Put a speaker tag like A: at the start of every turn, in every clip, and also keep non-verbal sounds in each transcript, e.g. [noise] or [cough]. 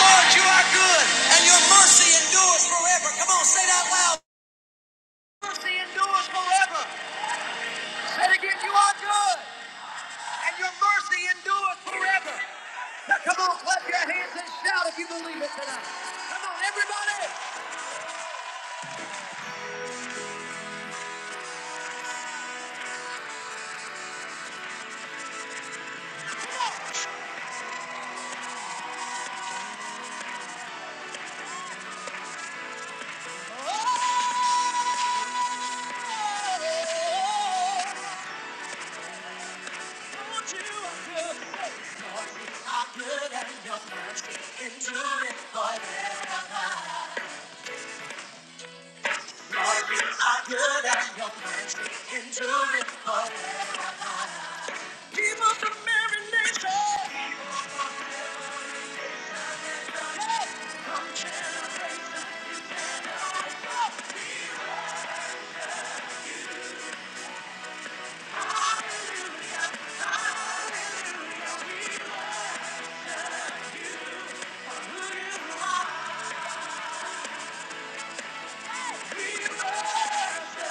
A: Lord, you are good, and your mercy endures forever. Come on, say that loud. Mercy endures forever. Say it again, you are good, and your mercy endures forever. Now come on, clap your hands and shout if you believe it tonight. Come on, everybody. Enduring, you are good, and your enduring. People from every nation, we worship you.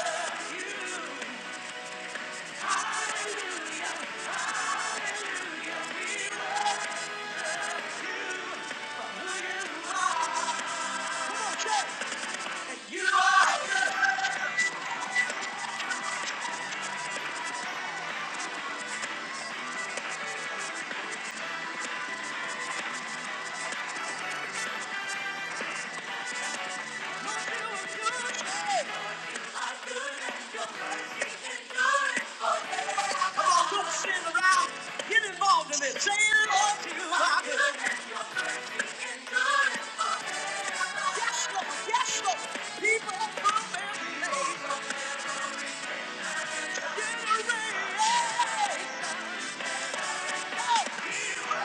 A: We worship you. Come on, church. You are good. Come on, quit sitting around. Get involved in it. Say it all to you. How good. Yes, Lord. Yes, Lord. People come and praise Him. Get ready. Hallelujah.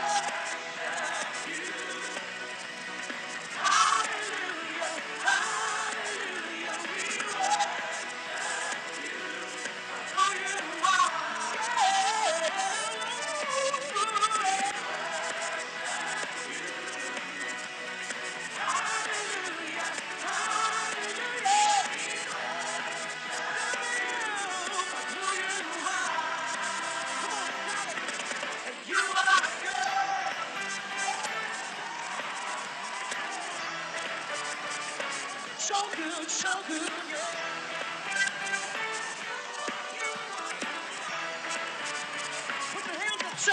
A: Hallelujah. Hallelujah. So good, so good, yeah. Put your hands up, say,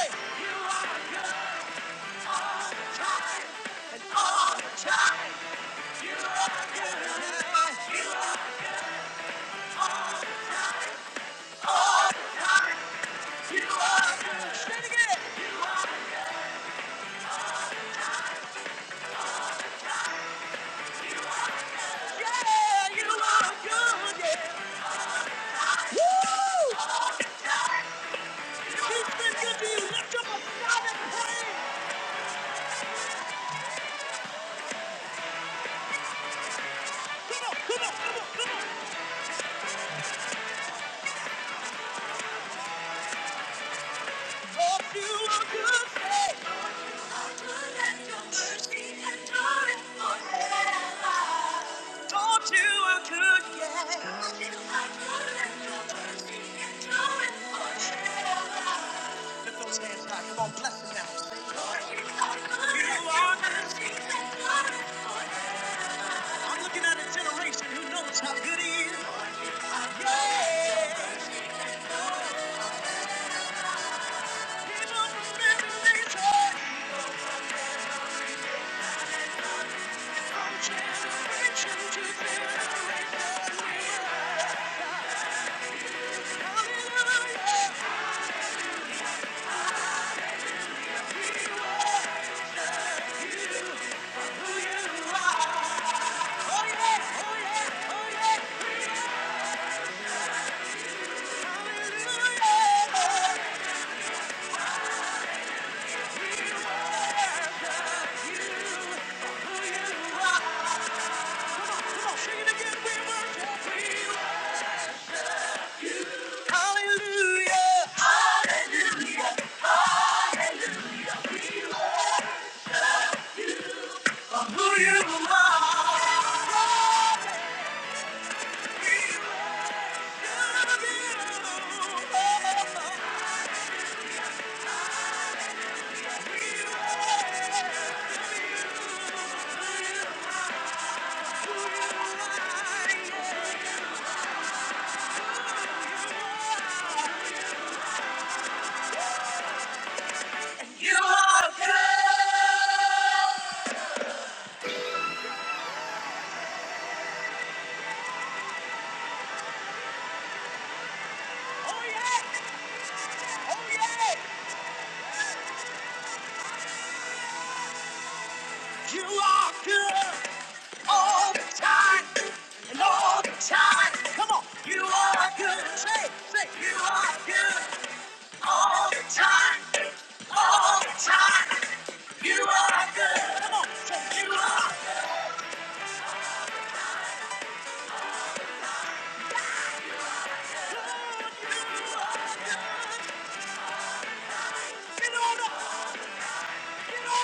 A: time and all the time. You are good, yeah. You, you are good. Say it again. Yeah, you are good, yeah. Woo! He's been good to you. Lift up a shout and praise. Come on, come on, come on, come on. You are good, yeah. Thought you Lift those hands high. Come on, bless him now. You are good. I'm looking at a generation who knows how good he is. Yeah. People from every From generation to generation. Hallelujah. You are Who you are. Oh yeah, oh yeah, oh yeah. Hallelujah. You are good. Oh yeah. Oh yeah. You are good. all the time, and all the time. Come on, you are good. Say, say, you are good all the time, all the time. You are good. Come on, say, you are. Get on up, get on. up.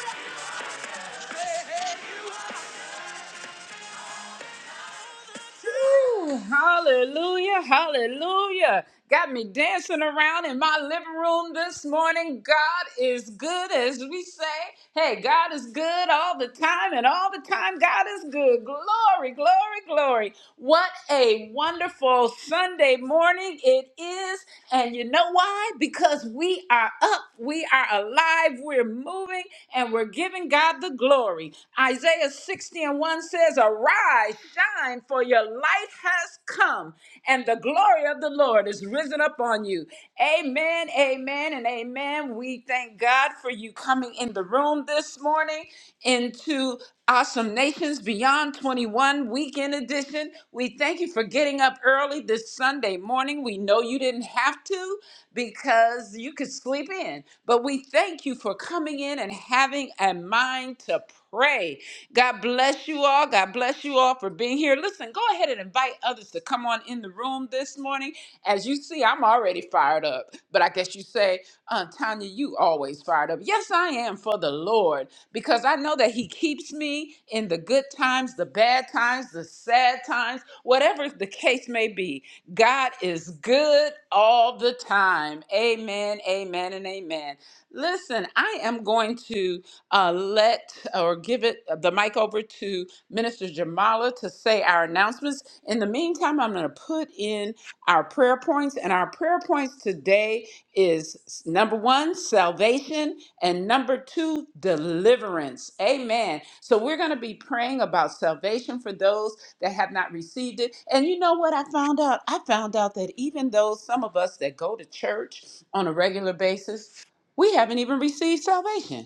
A: Woo! Hallelujah, hallelujah. Got me dancing around in my living room this morning. God is good, as we say. Hey, God is good all the time, and all the time, God is good. Glory, glory, glory. What a wonderful Sunday morning it is is. And you know why? Because we are up, we are alive, we're moving, and we're giving God the glory. Isaiah 60 and 1 says, Arise, shine, for your light has come, and the glory of the Lord is risen upon you. Amen, amen, and amen. We thank God for you coming in the room this morning into Awesome Nations Beyond 21 Weekend Edition. We thank you for getting up early this Sunday morning. We know you didn't have to because you could sleep in, but we thank you for coming in and having a mind to pray. God bless you all. God bless you all for being here. Listen, go ahead and invite others to come on in the room this morning. As you see, I'm already fired up, but I guess you you say, uh, Tanya, you always fired up. Yes, I am for the Lord because I know that He keeps me in the good times, the bad times, the sad times, whatever the case may be. God is good all the time. Amen, amen, and amen. Listen, I am going to uh, let or give it uh, the mic over to Minister Jamala to say our announcement announcements. In the meantime, I'm going to put in our prayer points, and our prayer points today is number one, salvation, and number two, deliverance. Amen. So we're going to be praying about salvation for those that have not received it. And you know what I found out? I found out that even though some of us that go to church on a regular basis, we haven't even received salvation.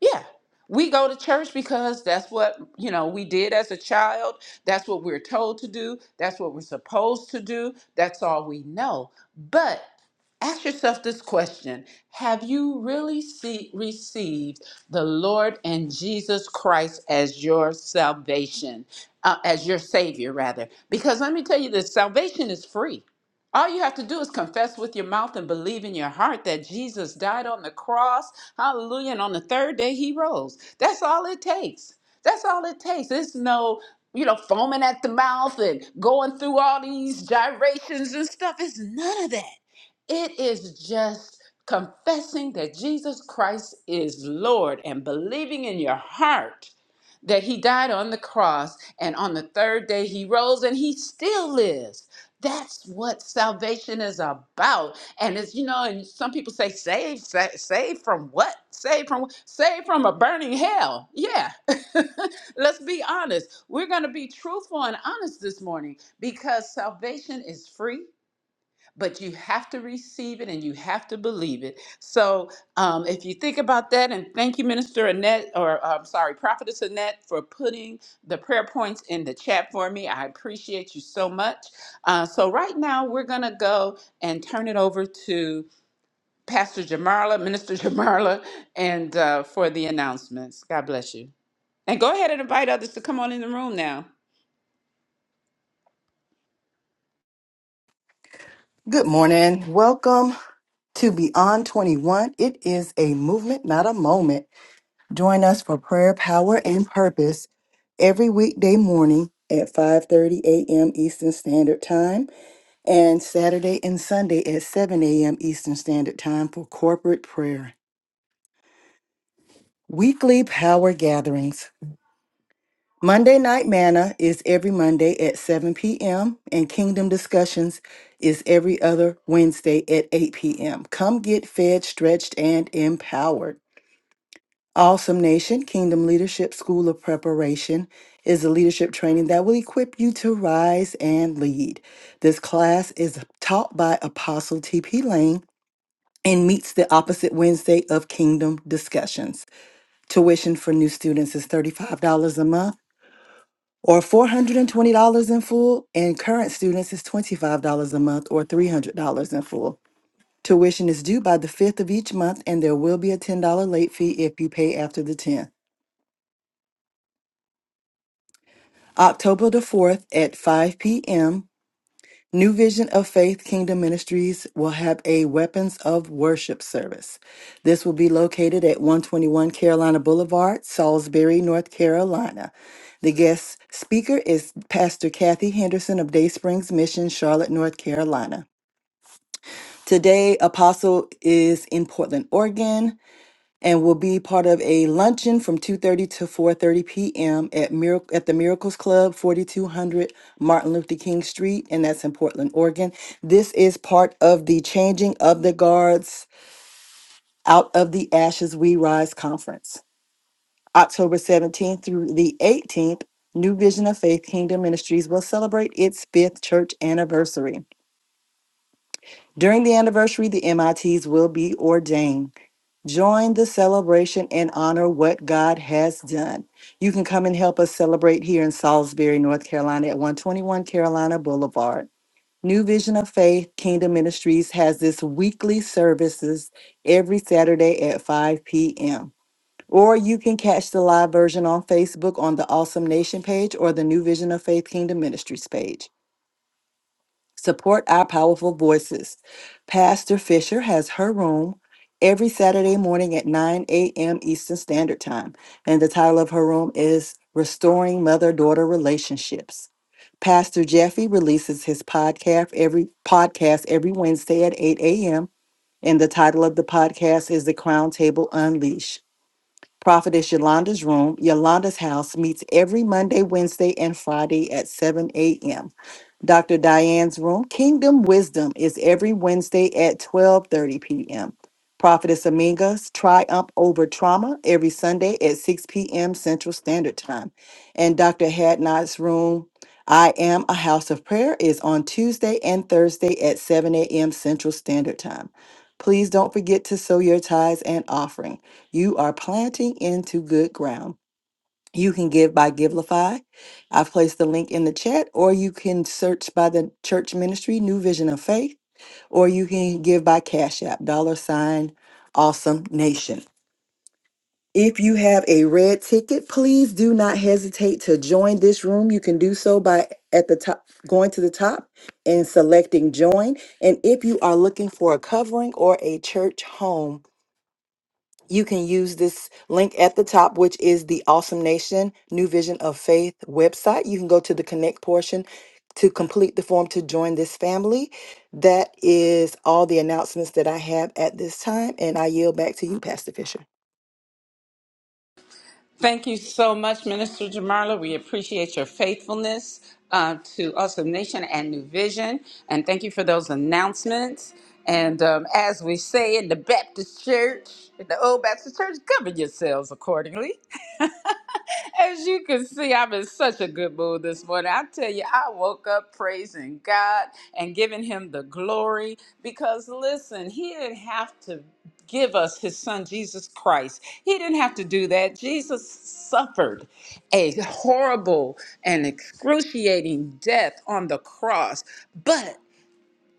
A: Yeah. We go to church because that's what, you know, we did as a child. That's what we're told to do. That's what we're supposed to do. That's all we know. But ask yourself this question Have you really see, received the Lord and Jesus Christ as your salvation, uh, as your Savior, rather? Because let me tell you this salvation is free. All you have to do is confess with your mouth and believe in your heart that Jesus died on the cross. Hallelujah. And on the third day, he rose. That's all it takes. That's all it takes. There's no, you know, foaming at the mouth and going through all these gyrations and stuff. It's none of that. It is just confessing that Jesus Christ is Lord and believing in your heart that he died on the cross and on the third day he rose and he still lives. That's what salvation is about. And it's, you know, and some people say, "Save, sa- saved from what? Save from, Save from a burning hell. Yeah. [laughs] Let's be honest. We're going to be truthful and honest this morning because salvation is free but you have to receive it and you have to believe it. So um, if you think about that, and thank you, Minister Annette, or I'm sorry, Prophetess Annette, for putting the prayer points in the chat for me. I appreciate you so much. Uh, so right now, we're going to go and turn it over to Pastor Jamarla, Minister [laughs] Jamarla, and uh, for the announcements. God bless you. And go ahead and invite others to come on in the room now.
B: Good morning. Welcome to Beyond 21. It is a movement, not a moment. Join us for prayer, power, and purpose every weekday morning at 5:30 a.m. Eastern Standard Time and Saturday and Sunday at 7 a.m. Eastern Standard Time for corporate prayer. Weekly power gatherings Monday Night Manna is every Monday at 7 p.m., and Kingdom Discussions is every other Wednesday at 8 p.m. Come get fed, stretched, and empowered. Awesome Nation Kingdom Leadership School of Preparation is a leadership training that will equip you to rise and lead. This class is taught by Apostle T.P. Lane and meets the opposite Wednesday of Kingdom Discussions. Tuition for new students is $35 a month or $420 in full, and current students is $25 a month or $300 in full. Tuition is due by the 5th of each month, and there will be a $10 late fee if you pay after the 10th. October the 4th at 5 p.m. New Vision of Faith Kingdom Ministries will have a Weapons of Worship service. This will be located at 121 Carolina Boulevard, Salisbury, North Carolina. The guest speaker is Pastor Kathy Henderson of Day Springs Mission, Charlotte, North Carolina. Today, Apostle is in Portland, Oregon and will be part of a luncheon from 2:30 to 4:30 p.m. at Miracle at the Miracles Club, 4200 Martin Luther King Street, and that's in Portland, Oregon. This is part of the Changing of the Guards Out of the Ashes We Rise conference. October 17th through the 18th, New Vision of Faith Kingdom Ministries will celebrate its 5th church anniversary. During the anniversary, the MITs will be ordained. Join the celebration and honor what God has done. You can come and help us celebrate here in Salisbury, North Carolina at 121 Carolina Boulevard. New Vision of Faith Kingdom Ministries has this weekly services every Saturday at 5 p.m. Or you can catch the live version on Facebook on the Awesome Nation page or the New Vision of Faith Kingdom Ministries page. Support our powerful voices. Pastor Fisher has her room every Saturday morning at 9 a.m. Eastern Standard Time. And the title of her room is Restoring Mother Daughter Relationships. Pastor Jeffy releases his podcast every podcast every Wednesday at 8 a.m. And the title of the podcast is The Crown Table Unleash. Prophetess Yolanda's room, Yolanda's house, meets every Monday, Wednesday, and Friday at 7 a.m. Dr. Diane's room. Kingdom Wisdom is every Wednesday at 12:30 p.m. Prophetess Aminga's Triumph Over Trauma every Sunday at 6 p.m. Central Standard Time. And Dr. Hadnot's room, I Am a House of Prayer, is on Tuesday and Thursday at 7 a.m. Central Standard Time. Please don't forget to sow your tithes and offering. You are planting into good ground. You can give by Givelify. I've placed the link in the chat, or you can search by the church ministry, New Vision of Faith, or you can give by Cash App, dollar sign, awesome nation. If you have a red ticket, please do not hesitate to join this room. You can do so by at the top, going to the top and selecting join. And if you are looking for a covering or a church home, you can use this link at the top, which is the Awesome Nation New Vision of Faith website. You can go to the connect portion to complete the form to join this family. That is all the announcements that I have at this time, and I yield back to you, Pastor Fisher.
A: Thank you so much, Minister Jamarla. We appreciate your faithfulness uh, to Awesome Nation and New Vision. And thank you for those announcements. And um, as we say in the Baptist Church, in the Old Baptist Church, govern yourselves accordingly. [laughs] As you can see, I'm in such a good mood this morning. I tell you, I woke up praising God and giving him the glory because listen, he didn't have to give us his son Jesus Christ. He didn't have to do that. Jesus suffered a horrible and excruciating death on the cross. But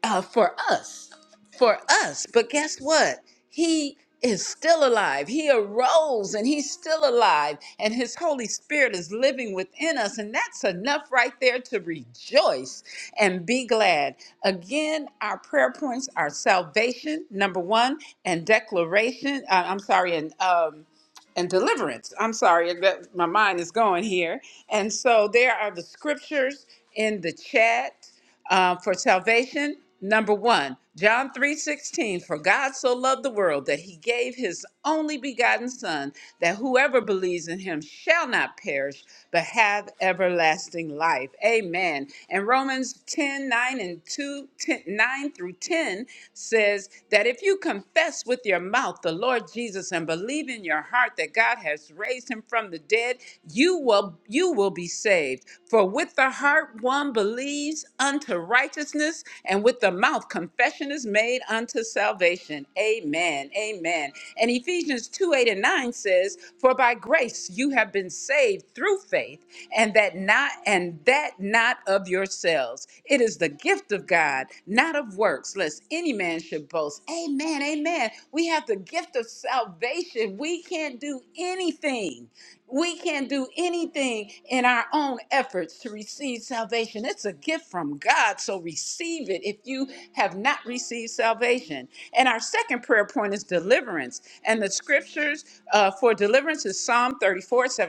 A: uh, for us, for us. But guess what? He is still alive. He arose and he's still alive, and his Holy Spirit is living within us. And that's enough right there to rejoice and be glad. Again, our prayer points are salvation, number one, and declaration. Uh, I'm sorry, and um, and deliverance. I'm sorry, that my mind is going here. And so there are the scriptures in the chat uh, for salvation. Number one, John 3:16, for God so loved the world that he gave his only begotten son, that whoever believes in him shall not perish, but have everlasting life. Amen. And Romans 10 9 and 2 10 nine through 10 10 says that if you confess with your mouth the Lord Jesus and believe in your heart that God has raised him from the dead, you will you will be saved. For with the heart one believes unto righteousness, and with the mouth confession is made unto salvation. Amen. Amen. And Ephesians 2 8 and 9 says, For by grace you have been saved through faith, and that not and that not of yourselves. It is the gift of God, not of works, lest any man should boast. Amen. Amen. We have the gift of salvation. We can't do anything. We can't do anything in our own efforts to receive salvation. It's a gift from God, so receive it if you have not received salvation. And our second prayer point is deliverance the scriptures uh, for deliverance is Psalm 34 17.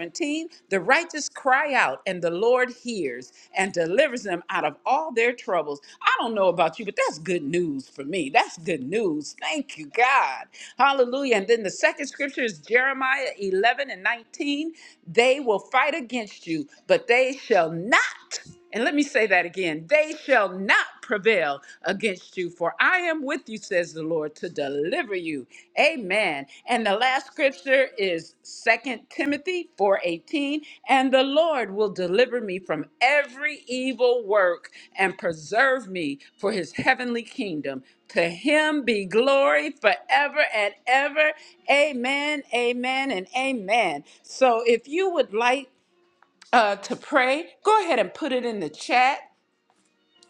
A: The righteous cry out, and the Lord hears and delivers them out of all their troubles. I don't know about you, but that's good news for me. That's good news. Thank you, God. Hallelujah. And then the second scripture is Jeremiah 11 and 19. They will fight against you, but they shall not. And let me say that again. They shall not prevail against you. For I am with you, says the Lord, to deliver you. Amen. And the last scripture is Second Timothy 4:18. And the Lord will deliver me from every evil work and preserve me for his heavenly kingdom. To him be glory forever and ever. Amen, amen, and amen. So if you would like uh, to pray, go ahead and put it in the chat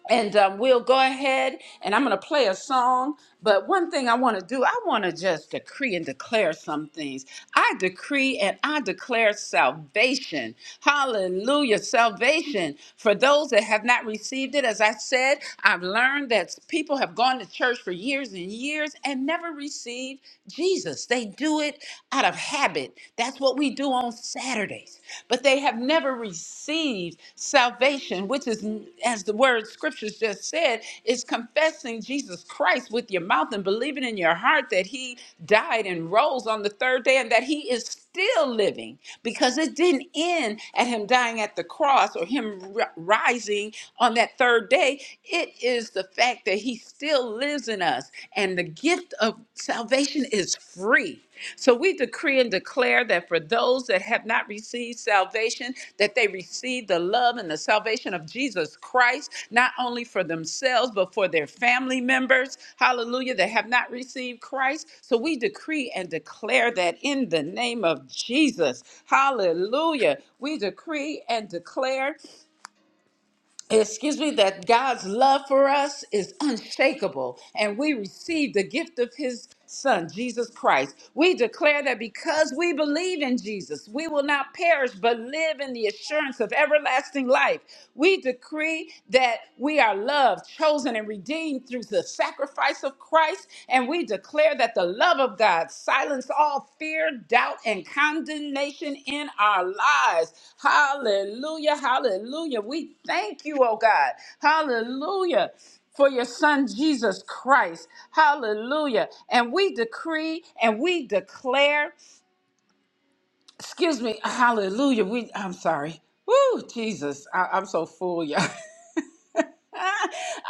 A: and um, we'll go ahead and i'm going to play a song but one thing i want to do i want to just decree and declare some things i decree and i declare salvation hallelujah salvation for those that have not received it as i said i've learned that people have gone to church for years and years and never received jesus they do it out of habit that's what we do on on Saturdays, but they have never received salvation, which is, as the word scriptures just said, is confessing Jesus Christ with your mouth and believing in your heart that he died and rose on the third day and that he is still living because it didn't end at him dying at the cross or him r- rising on that third day. It is the fact that he still lives in us and the gift of salvation is free. So we decree and declare that for those that have not received salvation, that they receive the love and the salvation of Jesus Christ, not only for themselves, but for their family members. Hallelujah, that have not received Christ. So we decree and declare that in the name of Jesus. Hallelujah. We decree and declare excuse me, that God's love for us is unshakable, and we receive the gift of His Son, Jesus Christ. We declare that because we believe in Jesus, we will not perish but live in the assurance of everlasting life. We decree that we are loved, chosen, and redeemed through the sacrifice of sacrifice of Christ, and we declare that the love of God silence all fear, doubt, and condemnation in our lives. Hallelujah, hallelujah. We thank you, oh God. Hallelujah for your son Jesus Christ. Hallelujah. And we decree and we declare. Excuse me. Hallelujah. We. I'm sorry. Woo, Jesus. I, I'm so full, y'all. [laughs]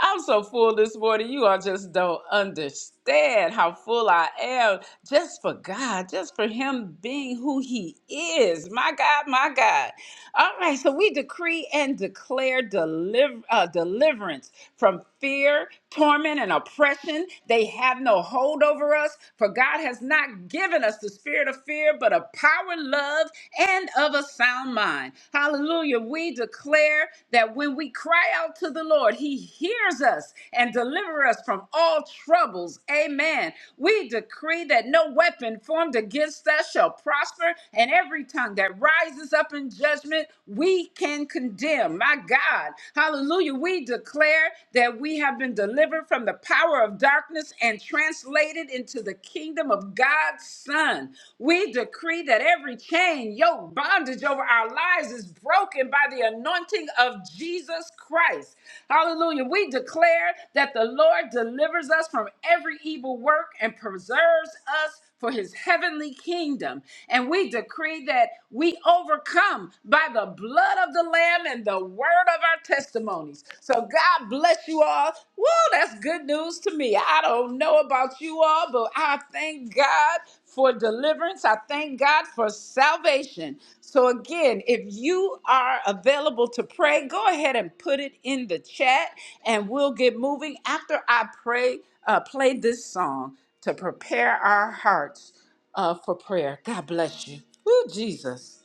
A: I'm so full this morning. You all just don't understand how full I am just for God, just for Him being who He is. My God, my God. All right, so we decree and declare deliver, uh, deliverance from fear, torment, and oppression. They have no hold over us, for God has not given us the spirit of fear, but of power, love, and of a sound mind. Hallelujah. We declare that when we cry out to the Lord, He hears us and delivers us from all troubles. Amen. We decree that no weapon formed against us shall prosper, and every tongue that rises up in judgment, we can condemn. My God. Hallelujah. We declare that we have been delivered delivered from the power of darkness and translated into the kingdom of God's Son. We decree that every chain, yoke, bondage over our lives is broken by the anointing of Jesus Christ. Hallelujah. We declare that the Lord delivers us from every evil work and preserves us for his heavenly kingdom. And we decree that we overcome by the blood of the Lamb and the word of our testimonies. So God bless you all. Woo, that's good news to me. I don't know about you all, but I thank God for deliverance. I thank God for salvation. So again, if you are available to pray, go ahead and put it in the chat and we'll get moving after I pray uh, play this song to prepare our hearts uh, for prayer. God bless you. Woo, Jesus.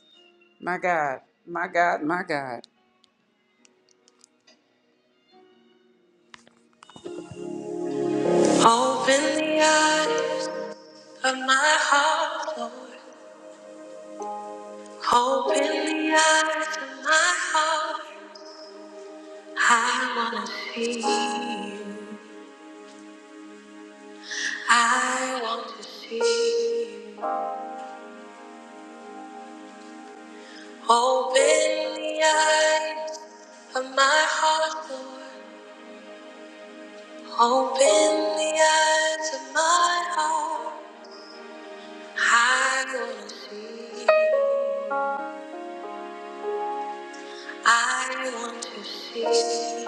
A: My God, my God, my God. Open the eyes of my heart, Lord. Open the eyes of my heart. I want to see you. I want to see you. Open the eyes of my heart, Lord. Open the eyes of my heart. I want to see. I want to see.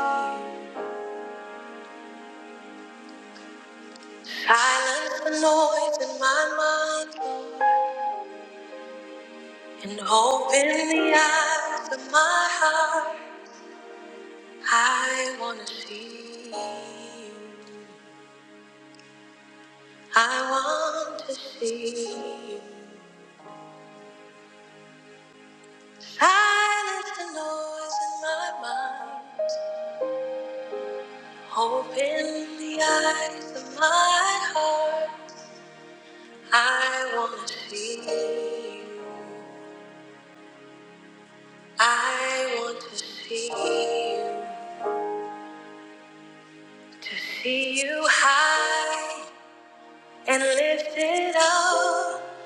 A: Silence the noise in my mind and open the eyes of my heart. I want to see. I want to see. Silence the noise in my mind. Open the eyes of my heart. I want to see you. I want to see you. To see you high and lifted up,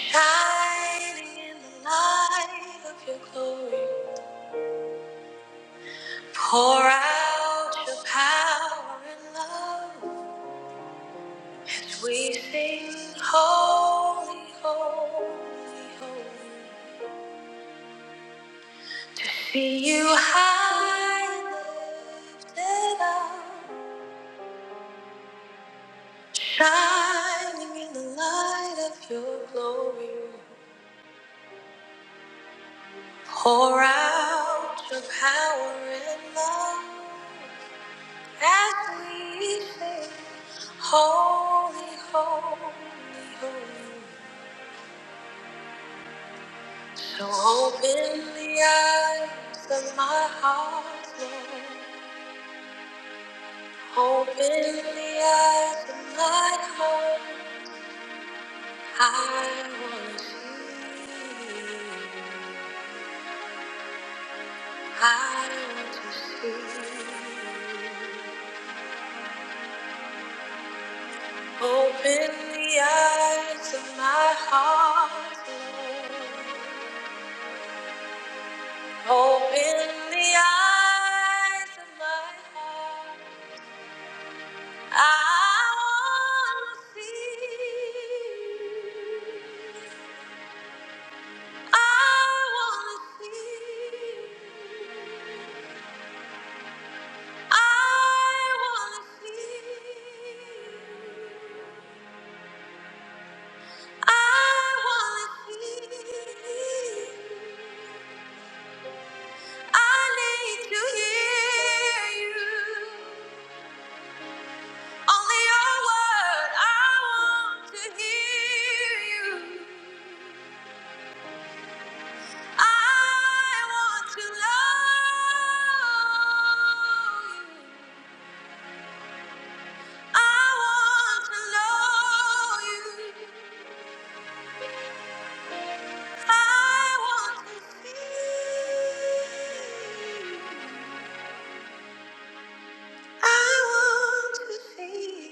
A: shining in the light of your glory. Pour out your power and love. as We sing holy, holy, holy. See you high and lifted up. Shining in the light of your glory, pour out your power and love as we sing, Holy, Holy, Holy. So open the eyes of my heart, Lord. Open the eyes of my heart. I want to see you. I want to see. Open the eyes of my heart, Lord. Open the eyes of my heart. I want to see. you. I want to see. you. I want to see. you. I wanna see. I need to hear you. Only your word. I want to hear you. I want to know you. I want to know you. I want to see. you. I want to see. you.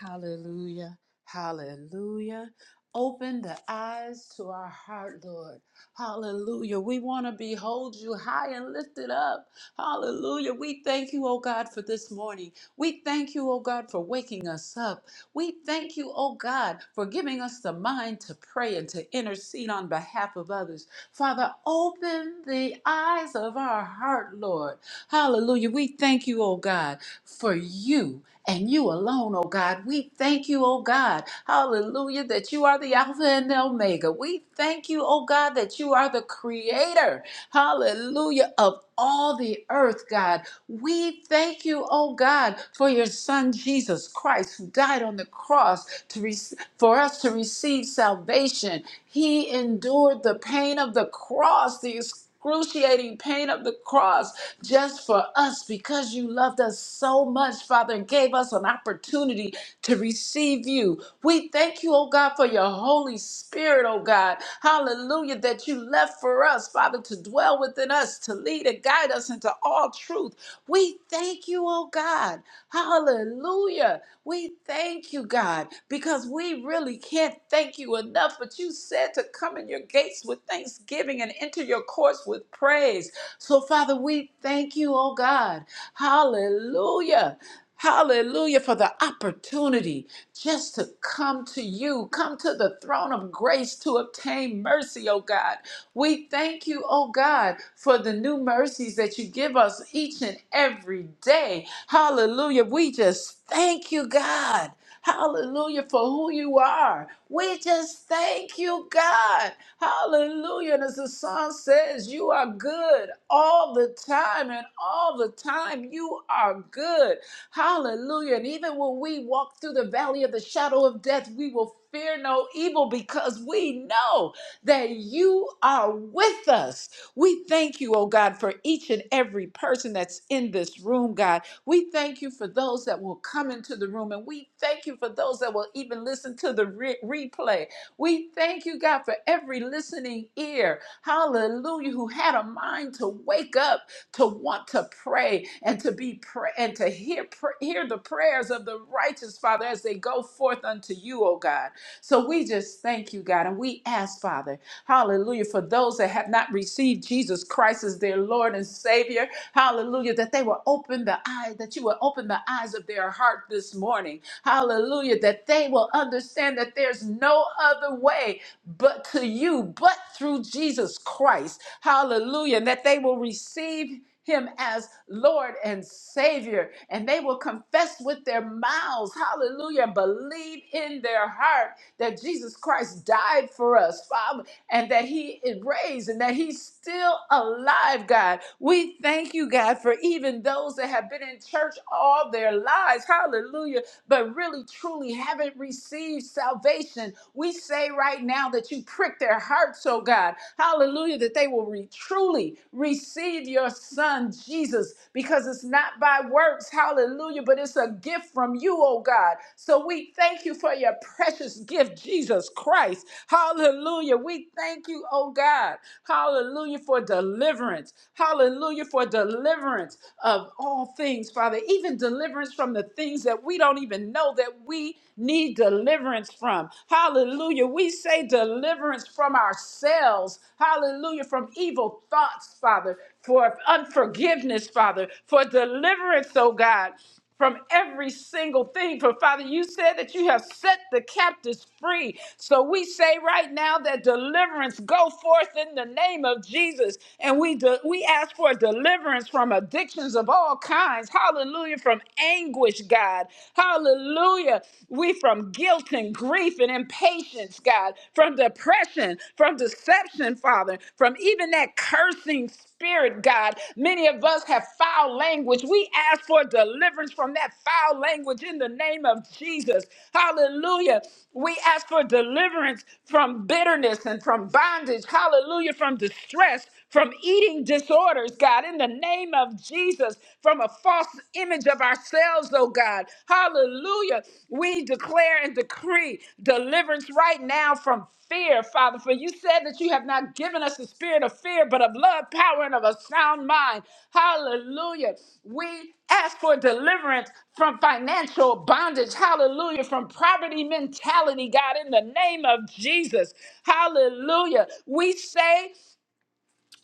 A: Hallelujah. Hallelujah. Open the eyes to our heart, Lord. Hallelujah. We want to behold you high and lifted up. Hallelujah. We thank you, oh God, for this morning. We thank you, oh God, for waking us up. We thank you, oh God, for giving us the mind to pray and to intercede on behalf of others. Father, open the eyes of our heart, Lord. Hallelujah. We thank you, oh God, for you and you alone, oh God. We thank you, oh God. Hallelujah, that you are the Alpha. Alpha and the Omega. We thank you, oh God, that you are the creator, hallelujah, of all the earth, God. We thank you, oh God, for your son Jesus Christ who died on the cross to re- for us to receive salvation. He endured the pain of the cross, the excruciating pain of the cross just for us because you loved us so much, Father, and gave us an opportunity to receive you. We thank you, oh God, for your Holy Spirit, oh God. Hallelujah, that you left for us, Father, to dwell within us, to lead and guide us into all truth. We thank you, oh God. Hallelujah. We thank you, God, because we really can't thank you enough. But you said to come in your gates with with thanksgiving and enter your courts with praise. So, Father, we thank you, oh God. Hallelujah. Hallelujah for the opportunity just to come to you, come to the throne of grace to obtain mercy, oh God. We thank you, oh God, for the new mercies that you give us each and every day. Hallelujah. We just thank you, God. Hallelujah for who you are. We just thank you, God. Hallelujah. And as the song says, you are good all the time, and all the time you are good. Hallelujah. And even when we walk through the valley of the shadow of death, we will fear no evil because we know that you are with us. We thank you, oh God, for each and every person that's in this room, God. We thank you for those that will come into the room, and we thank you for those that will even listen to the re- replay. We thank you, God, for every listening ear, hallelujah, who had a mind to wake up, to want to pray, and to be pray and to hear, pr- hear the prayers of the righteous, Father, as they go forth unto you, O God. So we just thank you, God, and we ask, Father, hallelujah, for those that have not received Jesus Christ as their Lord and Savior, hallelujah, that they will open the eye, that you will open the eyes of their heart this morning, hallelujah, that they will understand that there's no other way but to you, but through Jesus Christ, hallelujah, and that they will receive him as Lord and Savior, and they will confess with their mouths, hallelujah, and believe in their heart that Jesus Christ died for us, Father, and that he is raised and that he's still alive, God. We thank you, God, for even those that have been in church all their lives, hallelujah, but really truly haven't received salvation. We say right now that you prick their hearts, oh God, Hallelujah, that they will re- truly receive your son, Jesus, because it's not by works. Hallelujah, but it's a gift from you, oh God. So we thank you for your precious gift, Jesus Christ. Hallelujah. We thank you, oh God. Hallelujah for deliverance. Hallelujah for deliverance of all things, Father, even deliverance from the things that we don't even know that we need deliverance from. Hallelujah. We say deliverance from ourselves. Hallelujah. From evil thoughts, Father, for unforgiveness, Father, for deliverance, oh God from every single thing. For Father, you said that you have set the captives free. So we say right now that deliverance go forth in the name of Jesus. And we de- we ask for deliverance from addictions of all kinds. Hallelujah. From anguish, God. God. Hallelujah. We from guilt and grief and impatience, God, from depression, from deception, Father, from even that cursing spirit, God. Many of us have foul language. We ask for deliverance from that foul language in the name of Jesus. Hallelujah. We ask for deliverance from bitterness and from bondage. Hallelujah. From distress, from eating disorders, God, in the name of of Jesus from a false image of ourselves, oh God. Hallelujah. We declare and decree deliverance right now from fear, Father. For you said that you have not given us the spirit of fear, but of love, power, and of a sound mind. Hallelujah. We ask for deliverance from financial bondage. Hallelujah. From poverty mentality, God, in the name of Jesus. Hallelujah. We say,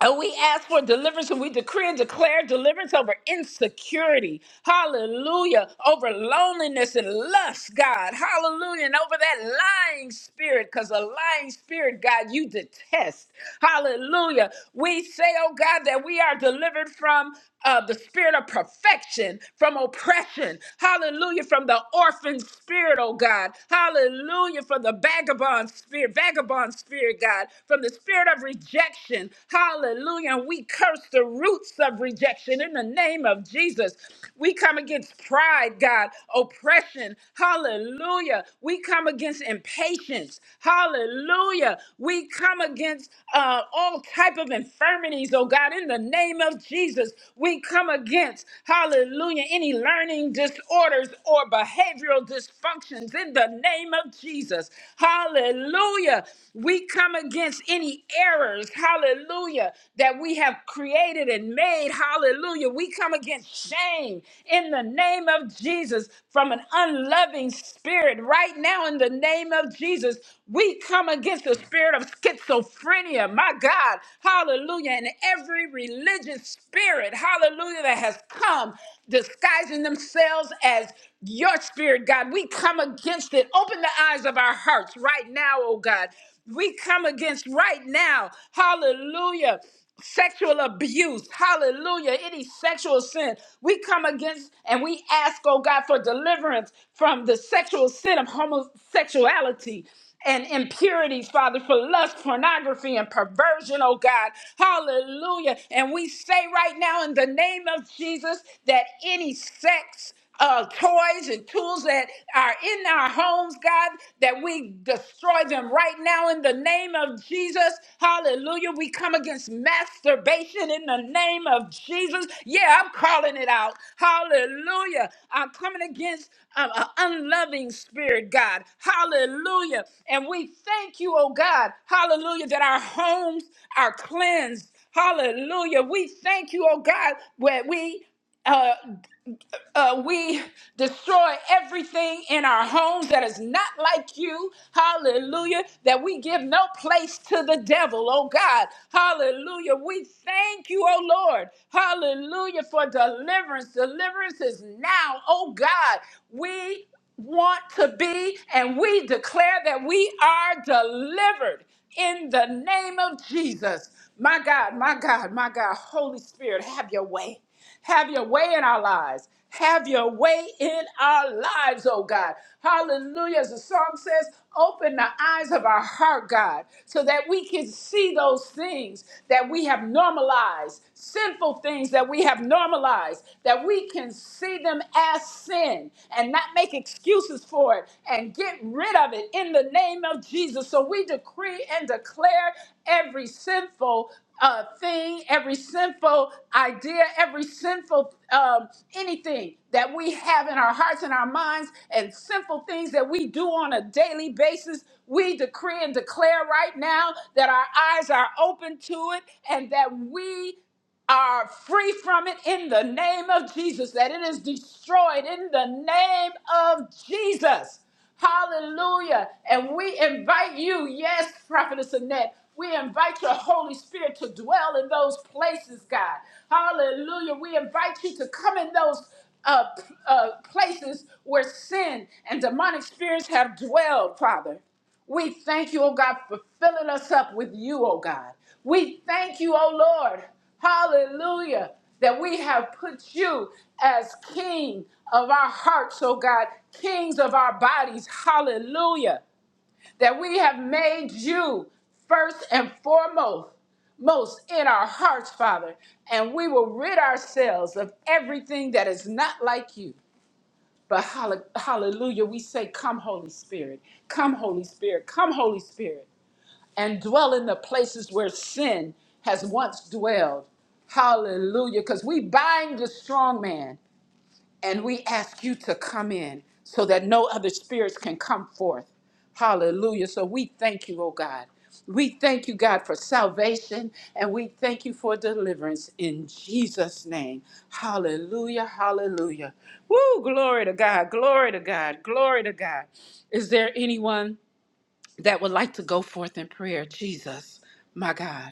A: Oh, we ask for deliverance and we decree and declare deliverance over insecurity. Hallelujah. Over loneliness and lust, God. Hallelujah. And over that lying spirit, because a lying spirit, God, you detest. Hallelujah. We say, oh God, that we are delivered from uh, the spirit of perfection, from oppression. Hallelujah. From the orphan spirit, oh God. Hallelujah. From the vagabond spirit, vagabond spirit, God from the spirit of rejection. Hallelujah. And we curse the roots of rejection in the name of Jesus. We come against pride, God, oppression. Hallelujah. We come against impatience. Hallelujah. We come against uh, all type of infirmities, oh God, in the name of Jesus. We come against, hallelujah, any learning disorders or behavioral dysfunctions in the name of Jesus. Hallelujah. We come against any errors, hallelujah, that we have created and made, hallelujah. We come against shame in the name of Jesus from an unloving spirit right now in the name of Jesus. We come against the spirit of schizophrenia, my God, hallelujah, and every religious spirit, hallelujah, that has come disguising themselves as your spirit, God. We come against it. Open the eyes of our hearts right now, oh God. We come against right now, hallelujah, sexual abuse, hallelujah, any sexual sin. We come against and we ask, oh God, for deliverance from the sexual sin of homosexuality and impurities, Father, for lust, pornography, and perversion, oh God. Hallelujah. And we say right now in the name of Jesus that any sex, uh, toys and tools that are in our homes, God, that we destroy them right now in the name of Jesus. Hallelujah. We come come against masturbation in the name of Jesus. Yeah, I'm calling it out. Hallelujah. I'm coming against um, an unloving spirit, God. Hallelujah. And we thank you, oh God. Hallelujah, that our homes are cleansed. Hallelujah. We thank you, oh God, where we. uh, uh, we destroy everything in our homes that is not like you. Hallelujah. That we give no place to the devil, oh God. Hallelujah. We thank you, oh Lord. Hallelujah for deliverance. Deliverance is now, oh God. We want to be and we declare that we are delivered in the name of Jesus. My God, my God, my God. Holy Spirit, have your way. Have your way in our lives. Have your way in our lives, oh God. Hallelujah. As the song says, open the eyes of our heart, God, so that we can see those things that we have normalized, sinful things that we have normalized, that we can see them as sin and not make excuses for it and get rid of it in the name of Jesus. So we decree and declare every sinful uh, thing, every sinful idea, every sinful um, anything that we have in our hearts and our minds, and sinful things that we do on a daily basis. We decree and declare right now that our eyes are open to it and that we are free from it in the name of Jesus, that it is destroyed in the name of Jesus. Hallelujah. And we invite you, yes, Prophetess Annette, we invite your Holy Spirit to dwell in those places, God. Hallelujah. We invite you to come in those uh, p- uh, places where sin and demonic spirits have dwelled, Father. We thank you, oh God, for filling us up with you, oh God. We thank you, oh Lord, hallelujah, that we have put you as king of our hearts, oh God, kings of our bodies, hallelujah, that we have made you first and foremost most in our hearts, Father, and we will rid ourselves of everything that is not like you. But hall- hallelujah, we say, Come, Holy Spirit, come, Holy Spirit, come, Holy Spirit, and dwell in the places where sin has once dwelled. Hallelujah, because we bind the strong man. And we ask you to come in so that no other spirits can come forth. Hallelujah. So we thank you, oh God. We thank you, God, for salvation and we thank you for deliverance in Jesus' name. Hallelujah. Hallelujah. Woo, glory to God. Glory to God. Glory to God. Is there anyone that would like to go forth in prayer? Jesus, my God.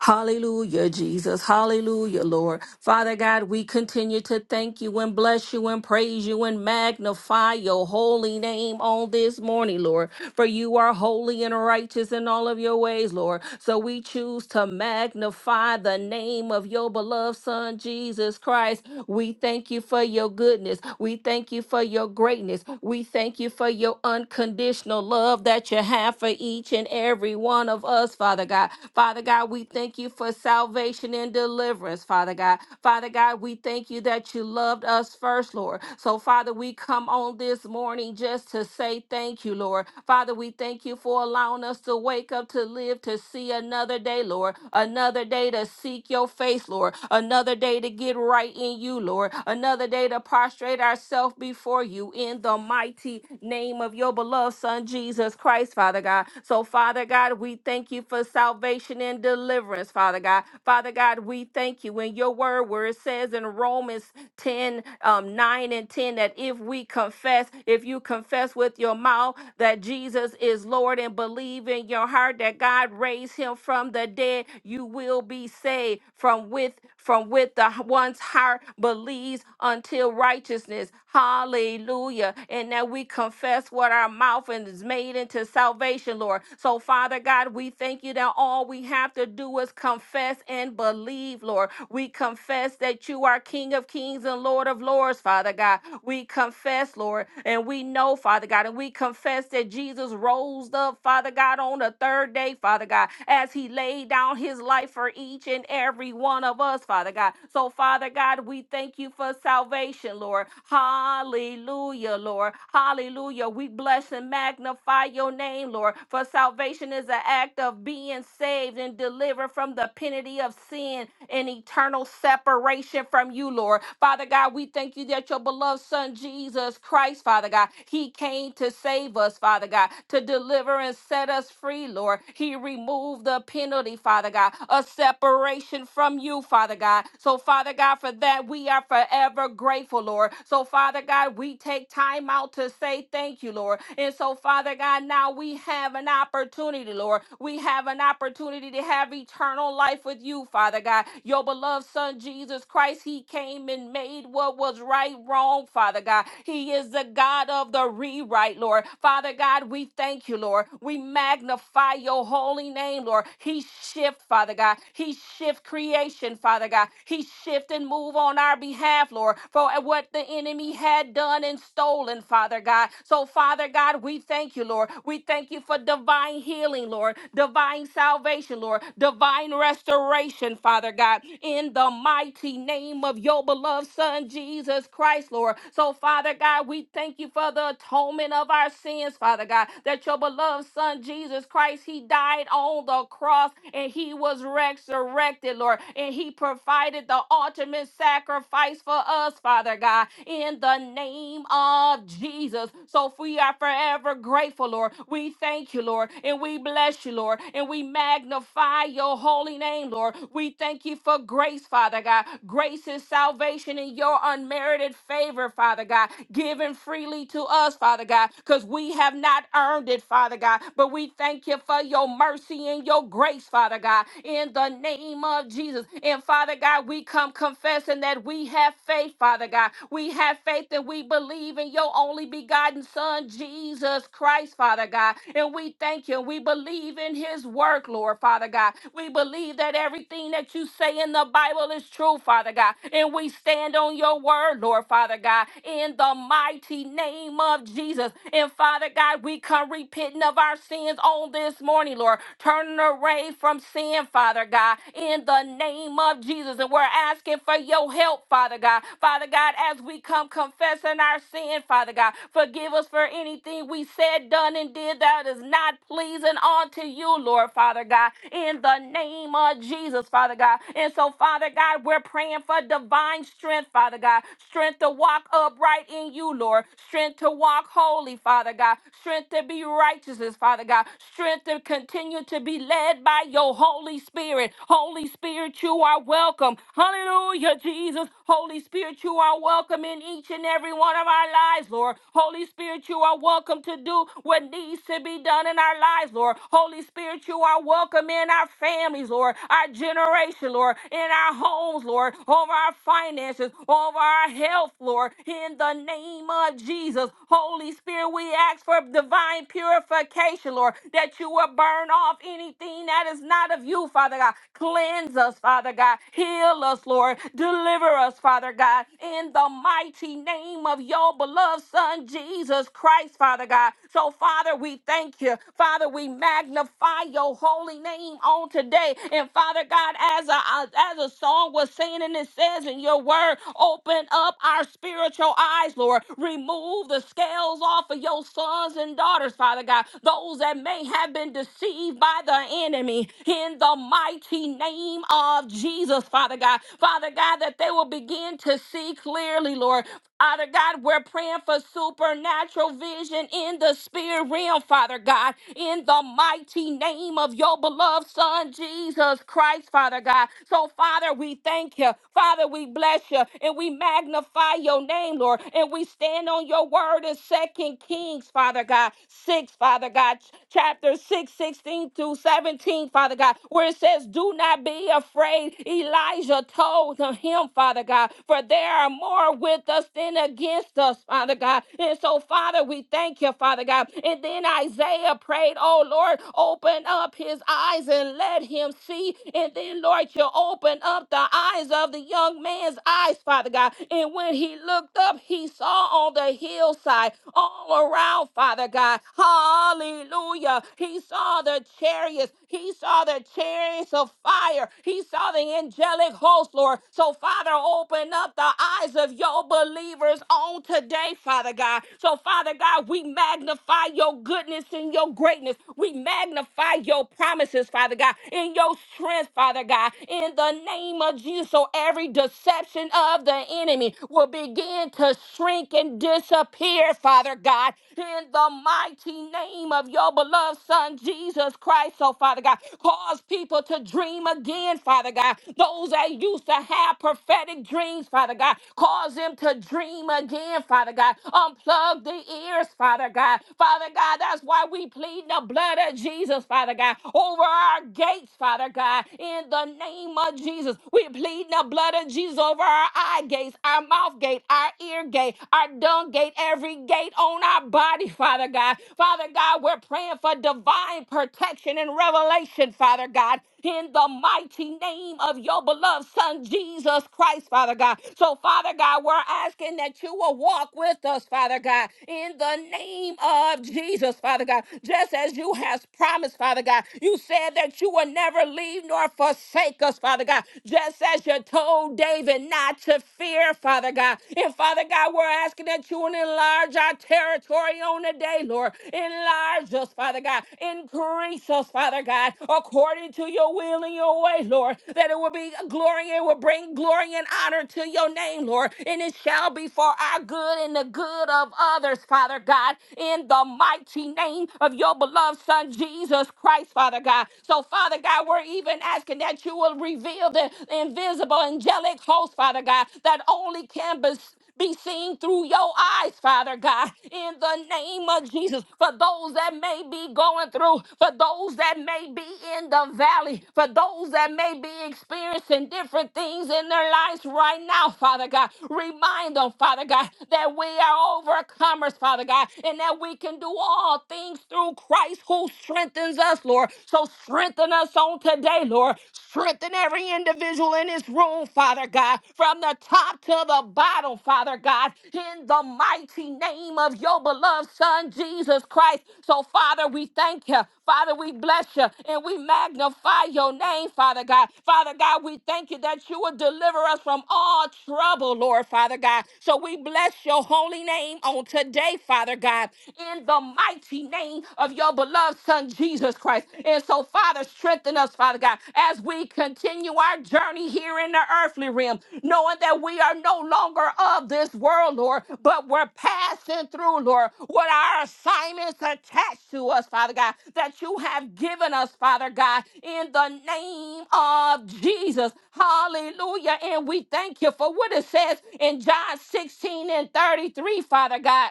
C: Hallelujah, Jesus. Hallelujah, Lord. Father God, we continue to thank you and bless you and praise you and magnify your holy name on this morning, Lord. For you are holy and righteous in all of your ways, Lord. So we choose to magnify the name of your beloved Son, Jesus Christ. We thank you for your goodness. We thank you for your greatness. We thank you for your unconditional love that you have for each and every one of us, Father God. Father God, God, we thank you for salvation and deliverance, Father God. Father God, we thank you that you loved us first, Lord. So, Father, we come on this morning just to say thank you, Lord. Father, we thank you for allowing us to wake up, to live, to see another day, Lord. Another day to seek your face, Lord. Another day to get right in you, Lord. Another day to prostrate ourselves before you in the mighty name of your beloved Son, Jesus Christ, Father God. So, Father God, we thank you for salvation salvation and deliverance, Father God. Father God, we thank you in your word where it says in Romans 10, um, 9 and 10 that if we confess, if you confess with your mouth that Jesus is Lord and believe in your heart that God raised him from the dead, you will be saved from with from with the one's heart believes until righteousness. Hallelujah. And that we confess what our mouth and is made into salvation, Lord. So, Father God, we thank you that all we have to do is confess and believe, Lord. We confess that you are King of Kings and Lord of Lords, Father God. We confess, Lord, and we know, Father God, and we confess that Jesus rose up, Father God, on the third day, Father God, as he laid down his life for each and and every one of us, Father God. So, Father God, we thank you for salvation, Lord. Hallelujah, Lord. Hallelujah. We bless and magnify your name, Lord. For salvation is an act of being saved and delivered from the penalty of sin and eternal separation from you, Lord. Father God, we thank you that your beloved Son, Jesus Christ, Father God, he came to save us, Father God, to deliver and set us free, Lord. He removed the penalty, Father. Father God, a separation from you, Father God. So, Father God, for that, we are forever grateful, Lord. So, Father God, we take time out to say thank you, Lord. And so, Father God, now we have an opportunity, Lord. We have an opportunity to have eternal life with you, Father God. Your beloved Son, Jesus Christ, He came and made what was right wrong, Father God. He is the God of the rewrite, Lord. Father God, we thank you, Lord. We magnify your holy name mighty name, Lord. He shift, Father God. He shift creation, Father God. He shift and move on our behalf, Lord, for what the enemy had done and stolen, Father God. So, Father God, we thank you, Lord. We thank you for divine healing, Lord, divine salvation, Lord, divine restoration, Father God, in the mighty name of your beloved Son, Jesus Christ, Lord. So, Father God, we thank you for the atonement of our sins, Father God, that your beloved Son, Jesus. Jesus Christ, He died on the cross and He was resurrected, Lord. And He provided the ultimate sacrifice for us, Father God, in the name of Jesus. So we are forever grateful, Lord. We thank you, Lord, and we bless you, Lord, and we magnify your holy name, Lord. We thank you for grace, Father God. Grace is salvation in your unmerited favor, Father God, given freely to us, Father God, because we have not earned it wounded, Father God. But we thank you for your mercy and your grace, Father God, in the name of Jesus. And Father God, we come confessing that we have faith, Father God. We have faith that we believe in your only begotten Son, Jesus Christ, Father God. And we thank you. and We believe in his work, Lord, Father God. We believe that everything that you say in the Bible is true, Father God. And we stand on your word, Lord, Father God, in the mighty name of Jesus. And and Father God, we come repenting of our sins on this morning, Lord, turning away from sin, Father God, in the name of Jesus. And we're asking for your help, Father God. Father God, as we come confessing our sin, Father God, forgive us for anything we said, done, and did that is not pleasing unto you, Lord, Father God, in the name of Jesus, Father God. And so, Father God, we're praying for divine strength, Father God, strength to walk upright in you, Lord, strength strength to walk holy, Father God, strength to be righteous, Father God, strength to continue to be led by your Holy Spirit. Holy Spirit, you are welcome. Hallelujah, Jesus. Holy Spirit, you are welcome in each and every one of our lives, Lord. Holy Spirit, you are welcome to do what needs to be done in our lives, Lord. Holy Spirit, you are welcome in our families, Lord, our generation, Lord, in our homes, Lord, over our finances, over our health, Lord, in the the name of Jesus. Holy Spirit, we ask for divine purification, Lord, that you will burn off anything that is not of you, Father God. Cleanse us, Father God. Heal us, Lord. Deliver us, Father God. In the mighty name of your beloved Son, Jesus Christ, Father God. So, Father, we thank you. Father, we magnify your holy name on today. And, Father God, as a, as a song was saying, and it says in your word, open up up our spiritual eyes, Lord. Remove the scales off of your sons and daughters, Father God, those that may have been deceived by the enemy in the mighty name of Jesus, Father God. Father God, that they will begin to see clearly, Lord. Father God, we're praying for supernatural vision in the spirit realm, Father God, in the mighty name of your beloved Son, Jesus Christ, Father God. So, Father, we thank you. Father, we bless you and we magnify your name, Lord. And we stand on your word in Second Kings, Father God, 6, Father God, ch- chapter 6, 16 through 17, Father God, where it says, Do not be afraid. Elijah told souls of him, Father God, for there are more with us than against us, Father God. And so, Father, we thank you, Father God. And then Isaiah prayed, Oh Lord, open up his eyes and let him see. And then, Lord, you open up the eyes of the young man's eyes, Father God. And when he looked up, he saw on the hillside all around, Father God. Hallelujah. He saw the chariots. He saw the chariots flames of fire. He saw the angelic host, Lord. So, Father, open up the eyes of your believers on today, Father God. So, Father God, we magnify your goodness and your greatness. We magnify your promises, Father God, in your strength, Father God, in the name of Jesus. So, every deception of the enemy will begin to shrink and disappear, Father God, in the mighty name of your beloved son, Jesus Christ, oh Father God. Cause people to dream again, Father God. Those that used to have prophetic dreams, Father God. Cause them to dream again, Father God. Unplug the ears, Father God. Father God, that's why we plead the blood of Jesus, Father God, over our gates, Father God. In the name of Jesus, we plead the blood of Jesus over our eye gates, our mouth gate, our ear gate, our dung gate, every gate on on our body, Father God. Father God, we're praying for divine protection and revelation, Father God, in the mighty name of your beloved Son, Jesus Christ, Father God. So, Father God, we're asking that you will walk with us, Father God, in the name of Jesus, Father God, just as you has promised, Father God. You said that you will never leave nor forsake us, Father God, just as you told David not to fear, Father God. And Father God, we're asking that you would enlarge our territory on the day, Lord. Enlarge us, Father God. Increase us, Father God, according to your will and your way, Lord. That it will be glory, it will bring glory and honor to your name, Lord. And it shall be for our good and the good of others, Father God, in the mighty name of your beloved Son, Jesus Christ, Father God. So, Father God, we're even asking that you will reveal the invisible invisible angelic host, Father God, that only can be be seen through your eyes, Father God, in the name of Jesus. For those that may be going through, for those that may be in the valley, for those that may be experiencing different things in their lives right now, Father God, remind them, Father God, that we are overcomers, Father God, and that we can do all things through Christ who strengthens us, Lord. So strengthen us us on today, Lord. Strengthen every individual in this room, Father God, from the top to the bottom, Father God, in the mighty name of your beloved Son, Jesus Christ. So, Father, we thank you. Father, we bless you and we magnify your name, Father God. Father God, we thank you that you will deliver us from all trouble, Lord, Father God. So, we bless your holy name on today, Father God, in the mighty name of of your beloved Son, Jesus Christ. And so, Father, strengthen us, Father God, as we continue our journey here in the earthly realm, knowing that we are no longer of this world, Lord, but we're passing through, Lord, what our assignments attached to us, Father God, that you have given us, Father God, in the name of Jesus. Hallelujah. And we thank you for what it says in John 16 and 33, Father God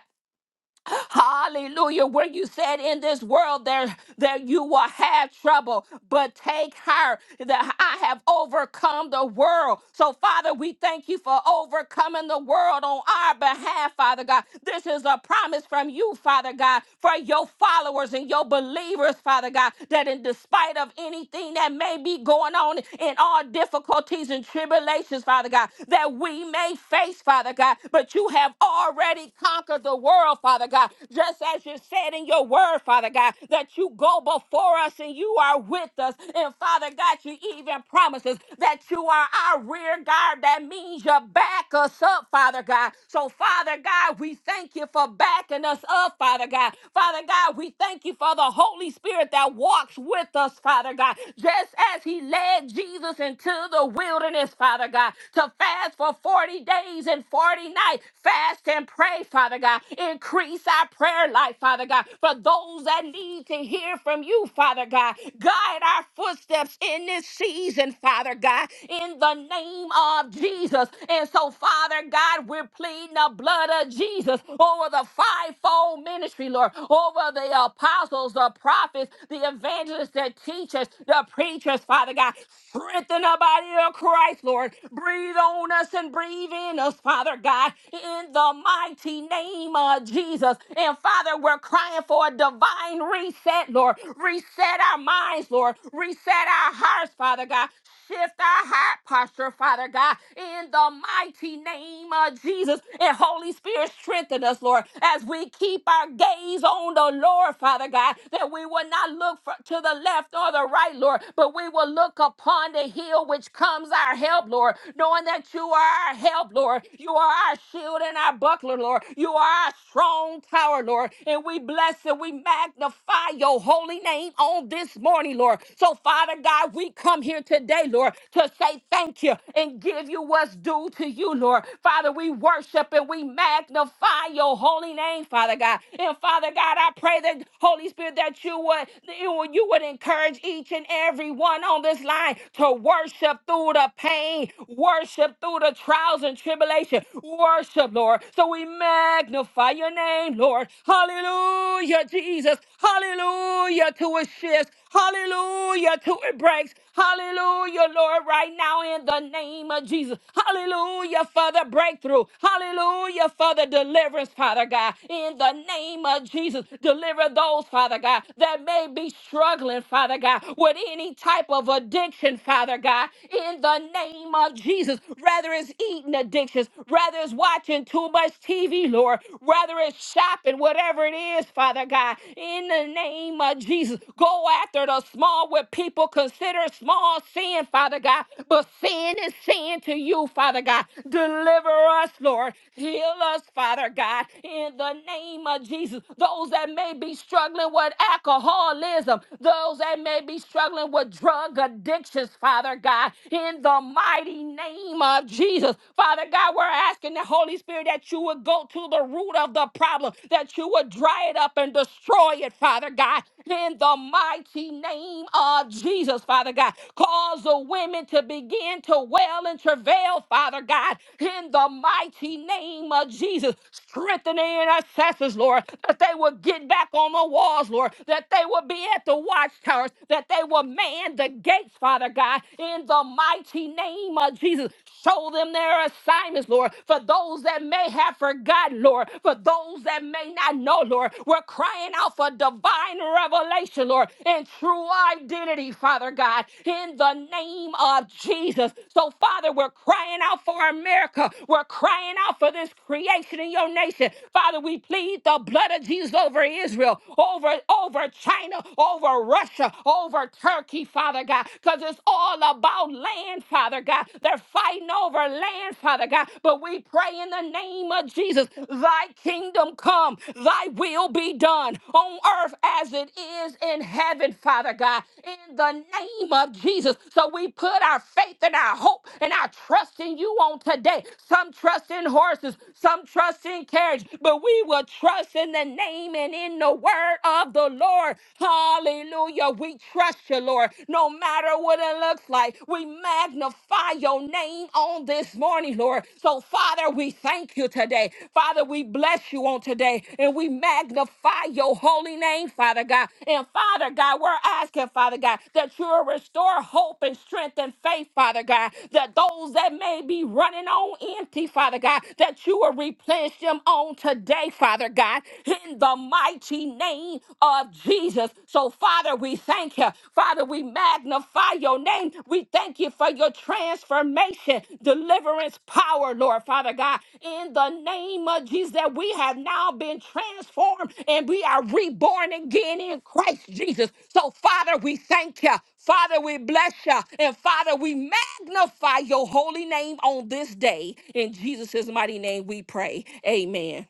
C: Hallelujah. Where you said in this world there that you will have trouble, but take heart that I have overcome the world. So, Father, we thank you for overcoming the world on our behalf, Father God. This is a promise from you, Father God, for your followers and your believers, Father God, that in despite of anything that may be going on in all difficulties and tribulations, Father God, that we may face, Father God, but you have already conquer the world, Father God. Just as you said in your word, Father God, that you go before us and you are with us. And Father God, you even promise us that you are our rear guard. That means you back us up, Father God. So, Father God, we thank you for backing us up, Father God. Father God, we thank you for the Holy Spirit that walks with us, Father God, just as he led Jesus into the wilderness, Father God, to fast for 40 days and 40 nights night. fast and pray, Father God. Increase our prayer life, Father God, for those that need to hear from you, Father God. Guide our footsteps in this season, Father God, in the name of Jesus. And so, Father God, we're pleading the blood of Jesus over the fivefold ministry, Lord, over the apostles, the prophets, the evangelists, the teachers, the preachers, Father God. Strengthen the body of Christ, Lord. Breathe on us and breathe in within us, Father God, in the mighty name of Jesus. And Father, we're crying for a divine reset, Lord. Reset our minds, Lord. Reset our hearts, Father God. Shift our heart posture, Father God, in the mighty name of Jesus. And Holy Spirit, strengthen us, Lord, as we keep our gaze on the Lord, Father God, that we will not look for, to the left or the right, Lord, but we will look upon the hill which comes our help, Lord, knowing knowing that you are our help, Lord. You are our shield and our buckler, Lord. You are our strong tower, Lord. And we bless and we magnify your holy name on this morning, Lord. So, Father God, we come here today, Lord, to say thank you and give you what's due to you, Lord. Father, we worship and we magnify your holy name, Father God. And Father God, I pray that Holy Spirit that you would that you would you would encourage each and every one on this line to worship through the the pain, worship through the trials and tribulation. Worship, Lord. So we magnify your name, Lord. Hallelujah, Jesus. Hallelujah to it shifts. Hallelujah to it breaks. Hallelujah, Lord, right now in the name of Jesus. Hallelujah for the breakthrough. Hallelujah for the deliverance, Father God. In the name of Jesus, deliver those, Father God, that may be struggling, Father God, with any type of addiction, addiction, Father God, in the name of Jesus. Rather it's eating addictions, rather it's watching too much TV, Lord, rather it's shopping, whatever it is, Father God, in the name of Jesus. Go after the small, what people consider small sin, Father God, but sin is sin to you, Father God. Deliver us, Lord. Heal us, Father God, in the name of Jesus. Those that may be struggling with alcoholism, those that may be struggling with dealing with drug addictions, Father God, in the mighty name of Jesus. Father God, we're asking the Holy Spirit that you would go to the root of the problem, that you would dry it up and destroy it, Father God, in the mighty name of Jesus, Father God. Cause the women to begin to wail and travail, Father God, in the mighty name of Jesus strengthening in intercessors, Lord, that they will get back on the walls, Lord, that they will be at the watchtowers, that they will man the gates, Father God, in the mighty name of Jesus. Show them their assignments, Lord, for those that may have forgotten, Lord, for those that may not know, Lord. We're crying out for divine revelation, Lord, and true identity, Father God, in the name of Jesus. So, Father, we're crying out for America. We're crying out for this creation in your nation. Father, we plead the blood of Jesus over Israel, over, over China, over Russia, over Turkey, Father God, because it's all about land, Father God. They're fighting over land, Father God. But we pray in the name of Jesus, thy kingdom come, thy will be done on earth as it is in heaven, Father God, in the name of Jesus. So we put our faith and our hope and our trust in you on today. Some trust in horses, some trust in carriage, but we will trust in the name and in the word of the Lord. Hallelujah. We trust you, Lord, no matter what it looks like. We magnify your name on this morning, Lord. Lord. So, Father, we thank you today. Father, we bless you on today and we magnify your holy name, Father God. And Father God, we're asking, Father God, that you will restore hope and strength and faith, Father God, that those that may be running on empty, Father God, that you will replenish them on today, Father God, in the mighty name of Jesus. So, Father, we thank you. Father, we magnify your name. We thank you for your transformation, deliverance, power, Lord, Father God. In the name of Jesus, that we have now been transformed and we are reborn again in Christ Jesus. So, Father, we thank you. Father, we bless you. And Father, we magnify your holy name on this day. In Jesus' mighty name, we pray. Amen.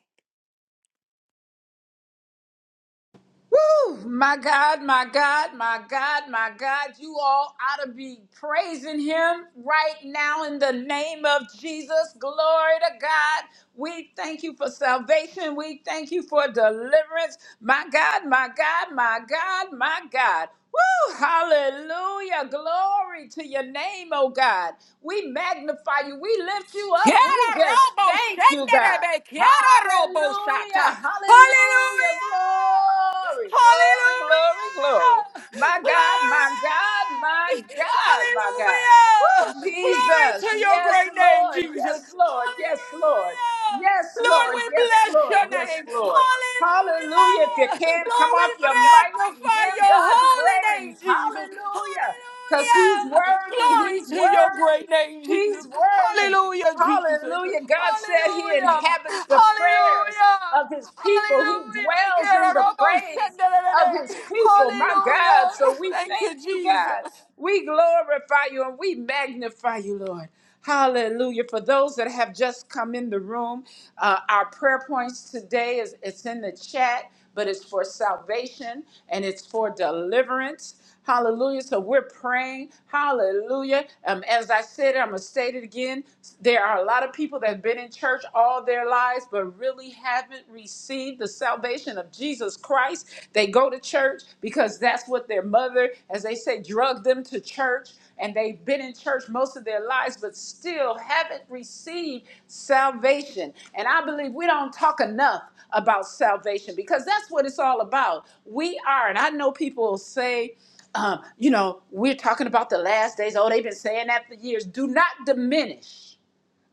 A: Woo! My God, my God, my God, my God. You all ought to be praising him right now in the name of Jesus. Glory to God. We thank you for salvation. We thank you for deliverance. My God, my God, my God, my God. Woo! Hallelujah. Glory to your name, oh God. We magnify you. We lift you up. We
C: Kiara
A: just
C: robo
A: thank you, God.
C: shenderebe, kiara robo
A: Hallelujah,
C: shata.
A: hallelujah,
C: Hallelujah!
A: glory, glory, glory,
C: Hallelujah!
A: glory. My God, my
C: Glory!
A: God, my God, my God.
C: Hallelujah!
A: Woo,
C: Glory to
A: Jesus.
C: your
A: Yes,
C: great name,
A: Lord,
C: Jesus.
A: yes, Lord, yes, Lord.
C: Hallelujah!
A: Yes,
C: Lord,
A: Lord,
C: we
A: yes,
C: bless
A: Lord,
C: your
A: yes,
C: name.
A: Lord.
C: Hallelujah!
A: Hallelujah. If you can, not
C: Lord,
A: come
C: we
A: off your mic to
C: magnify
A: give
C: your
A: God
C: holy
A: praise.
C: name, Jesus.
A: Hallelujah. Because he's
C: Hallelujah!
A: worthy,
C: Glory
A: he's
C: to your great
A: worthy.
C: name, Jesus.
A: He's worthy.
C: Hallelujah, Jesus.
A: Hallelujah. God said he
C: Hallelujah.
A: inhabits the prayers
C: Hallelujah.
A: of his people. He
C: Hallelujah.
A: dwells in
C: Yeah,
A: the
C: Robo
A: praise of his
C: Shendelele.
A: people. My
C: Hallelujah.
A: God. So we
C: Thank you,
A: thank you,
C: Jesus.
A: God. We glorify you and we magnify you, Lord. Hallelujah. For those that have just come in the room, uh, our prayer points today is it's in the chat, but it's for salvation and it's for deliverance. Hallelujah. So we're praying. Hallelujah. Um, as I said, I'm going to state it again. There are a lot of people that have been in church all their lives, but really haven't received the salvation of Jesus Christ. They go to church because that's what their mother, as they say, drugged them to church. And they've been in church most of their lives, but still haven't received salvation. And I believe we don't talk enough about salvation because that's what it's all about. We are, and I know people will say, um, you know, we're talking about the last days. Oh, they've been saying that for years. Do not diminish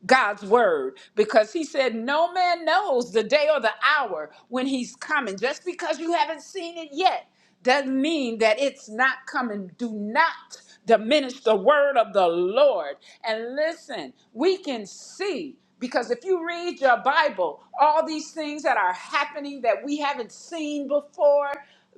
A: God's word because he said, No man knows the day or the hour when he's coming. Just because you haven't seen it yet doesn't mean that it's not coming. Do not diminish the word of the Lord. And listen, we can see because if you read your Bible, all these things that are happening that we haven't seen before,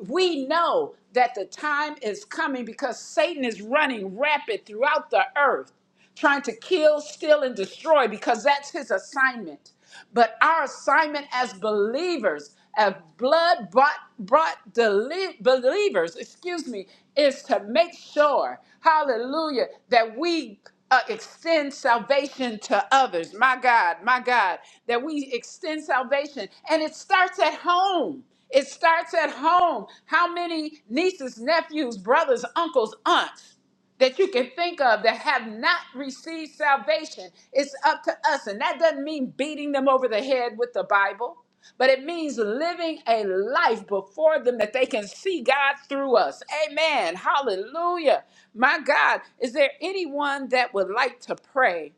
A: we know that the time is coming because Satan is running rapid throughout the earth trying to kill, steal, and destroy because that's his assignment. But our assignment as believers, as blood brought, brought deli- believers, excuse me, is to make sure, hallelujah, that we uh, extend salvation to others. My God, my God, that we extend salvation. And it starts at home. It starts at home. How many nieces, nephews, brothers, uncles, aunts? that you can think of that have not received salvation. It's up to us. And that doesn't mean beating them over the head with the Bible, but it means living a life before them that they can see God through us. Amen. Hallelujah. My God, is there anyone that would like to pray?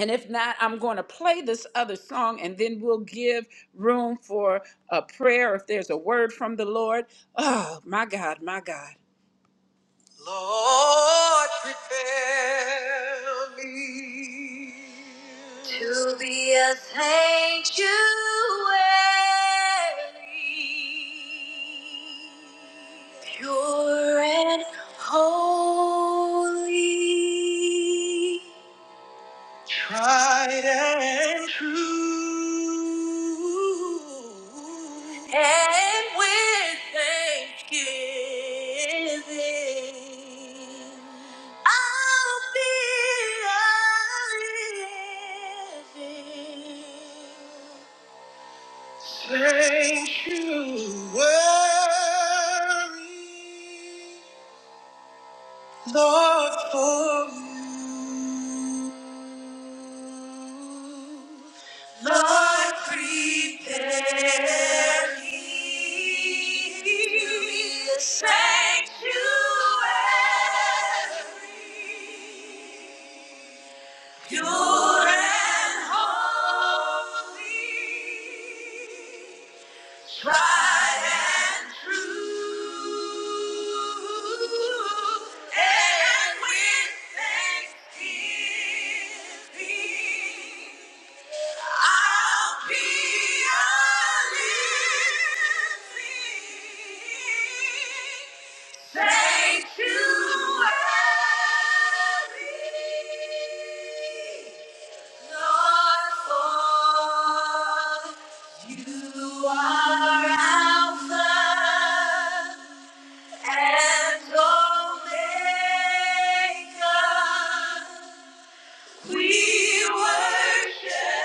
A: And if not, I'm going to play this other song and then we'll give room for a prayer if there's a word from the Lord. Oh, my God, my God. To be a sanctuary, pure and holy and true, and with thanksgiving, I'll be a living worry, Lord, for you. Lord, prepare me a sanctuary, pure and holy. tried and true. And with thanksgiving, I'll be a living sanctuary, Lord, for you are Alpha and Omega. We worship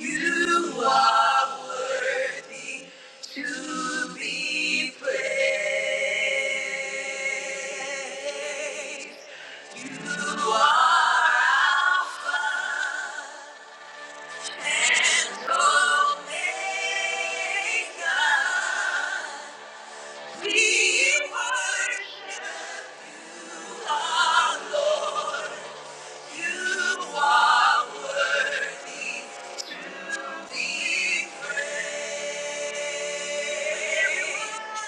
A: you. Are worthy to be praised. You are Alpha and Omega. We We worship You, You, are worthy. to be praised.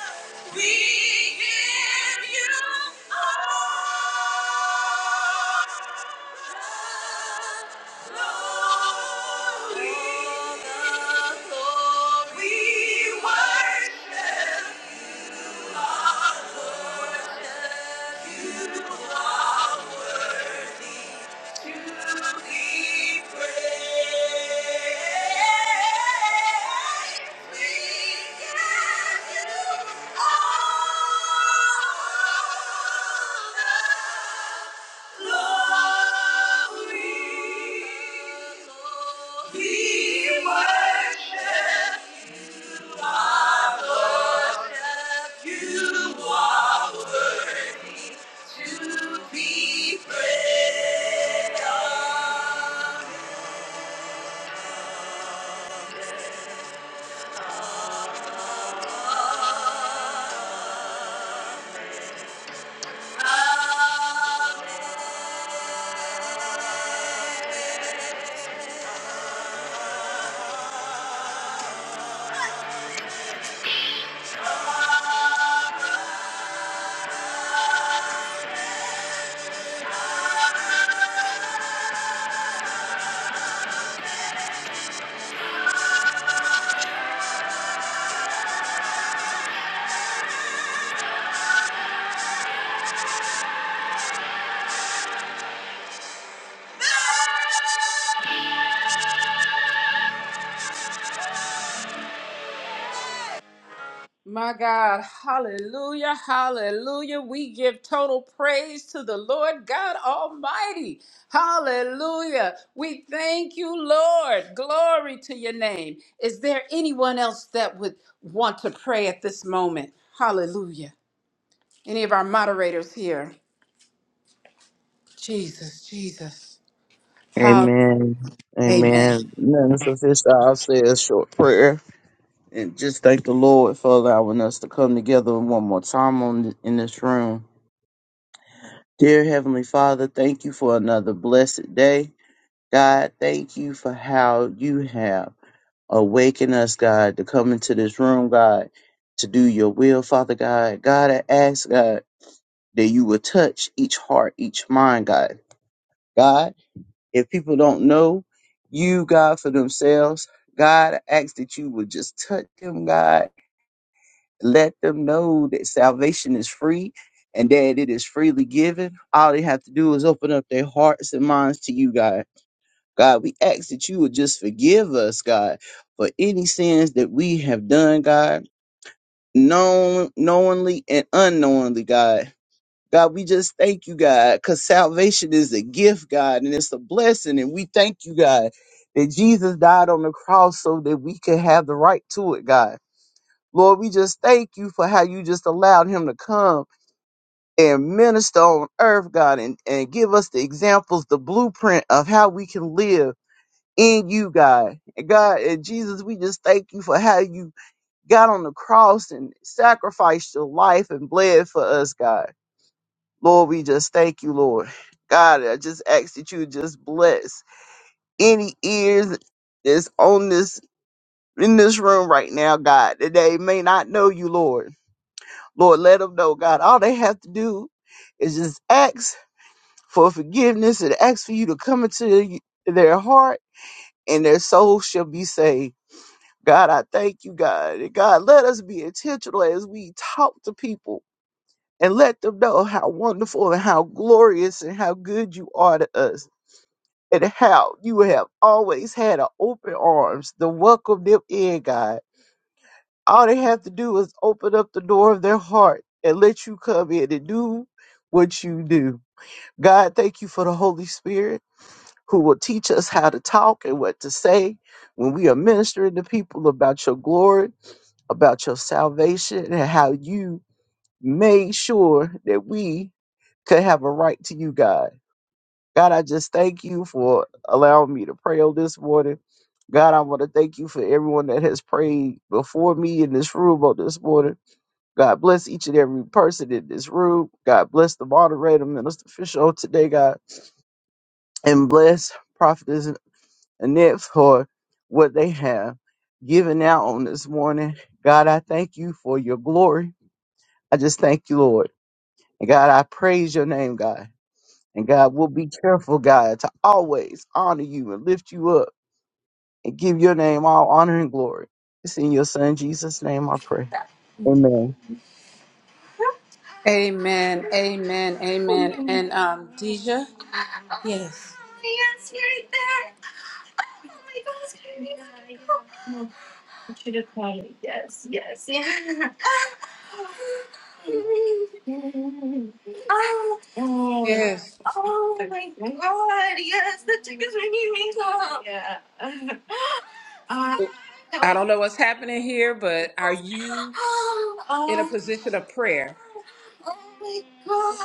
A: We give you all the glory. All to Be praised. My God, hallelujah, hallelujah. We give total praise to the Lord God Almighty. Hallelujah. We thank you, Lord. Glory to your name. Is there anyone else that would want to pray at this moment? Hallelujah. Any of our moderators here? Jesus, Jesus. Hallelujah.
D: Amen.
A: Amen.
D: Amen. Minister Fisher, I'll say a short prayer and just thank the Lord for allowing us to come together one more time on, th- in this room. Dear Heavenly Father, thank you for another blessed day. God, thank you for how you have awakened us, God, to come into this room, God, to do your will, Father God. God, I ask, God, that you will touch each heart, each mind, God. God, If people don't know you, God, for themselves, God, I ask that you would just touch them, God. Let them know that salvation is free and that it is freely given. All they have to do is open up their hearts and minds to you, God. God, we ask that you would just forgive us, God, for any sins that we have done, God, known, knowingly and unknowingly, God. God, we just thank you, God, because salvation is a gift, God, and it's a blessing. And we thank you, God, that Jesus died on the cross so that we could have the right to it, God. Lord, we just thank you for how you just allowed him to come and minister on earth, God, and, and give us the examples, the blueprint of how we can live in you, God. And God, and Jesus, we just thank you for how you got on the cross and sacrificed your life and bled for us, God. Lord, we just thank you, Lord. God, I just ask that you just bless any ears that's on this in this room right now, God, that they may not know you, Lord. Lord, let them know, God. All they have to do is just ask for forgiveness and ask for you to come into the- their heart and their soul shall be saved. God, I thank you, God. And God, let us be intentional as we talk to people and let them know how wonderful and how glorious and how good you are to us. and how you have always had a open arms to welcome them in, God. All they have to do is open up the door of their heart and let you come in and do what you do. God, thank you for the Holy Spirit who will teach us how to talk and what to say when we are ministering to people about your glory, about your salvation, and how you made sure that we could have a right to you, God. God, I just thank you for allowing me to pray on this morning. God, I want to thank you for everyone that has prayed before me in this room on this morning. God bless each and every person in this room. God bless the moderator, Minister Fisher, on today, God, and bless Prophetess Annette for what they have given out on this morning. God, I thank you for your glory. I just thank you, Lord. And God, I praise your name, God. And God, we'll be careful, God, to always honor you and lift you up. and give your name all honor and glory. It's in your son Jesus' name I pray.
E: Oh
D: Amen.
A: Amen. Amen. Amen. And um,
E: my
A: Deja?
E: God!
A: Yes.
E: Yes, here it is! Oh my God! Oh
A: Yes.
E: my God! Yes, the chick is ringing up. Yeah.
A: I
E: Oh.
A: don't know what's happening here, but are you? in a
E: Oh.
A: position of prayer.
E: Oh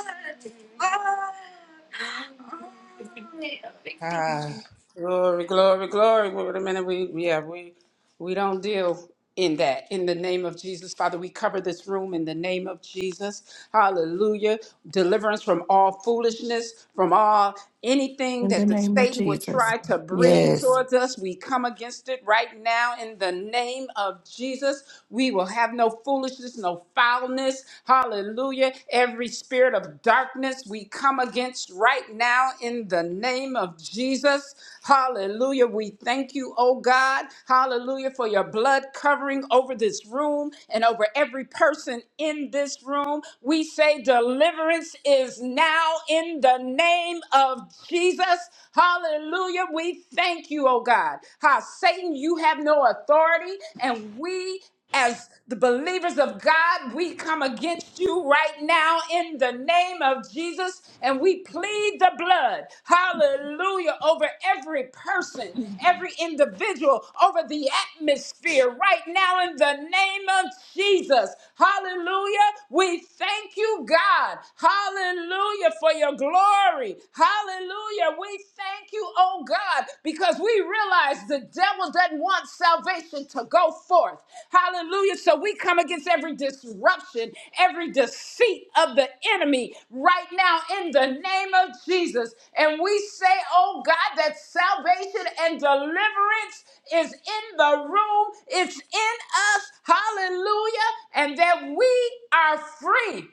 E: my
A: Ah,
E: God!
A: glory, glory, glory. Wait a minute. We, yeah, we, we don't deal in that. In the name of Jesus, Father, we cover this room in the name of Jesus. Hallelujah. Deliverance from all foolishness, from all anything
F: In the
A: that the
F: name of
A: Satan would
F: Jesus.
A: try to bring
F: Yes.
A: towards us. We come against it right now in the name of Jesus. We will have no foolishness, no foulness. Hallelujah. Every spirit spirit of darkness, we come against right now in the name of Jesus. Hallelujah. We thank you, oh God. Hallelujah for your blood covering over this room and over every person in this room. We say deliverance is now in the name of Jesus. Hallelujah. We thank you, oh God. How Satan, you have no authority, and we as the believers of God, we come against you right now in the name of Jesus and we plead the blood, hallelujah, over every person, every individual, over the atmosphere right now in the name of Jesus. Hallelujah. We thank you, God. Hallelujah, for your glory. Hallelujah. We thank you you, oh God, because we realize the devil doesn't want salvation to go forth. Hallelujah. So we come against every disruption, every deceit of the enemy right now in the name of Jesus. And we say, oh God, that salvation and deliverance is in the room, it's in us. Hallelujah. And that we are free.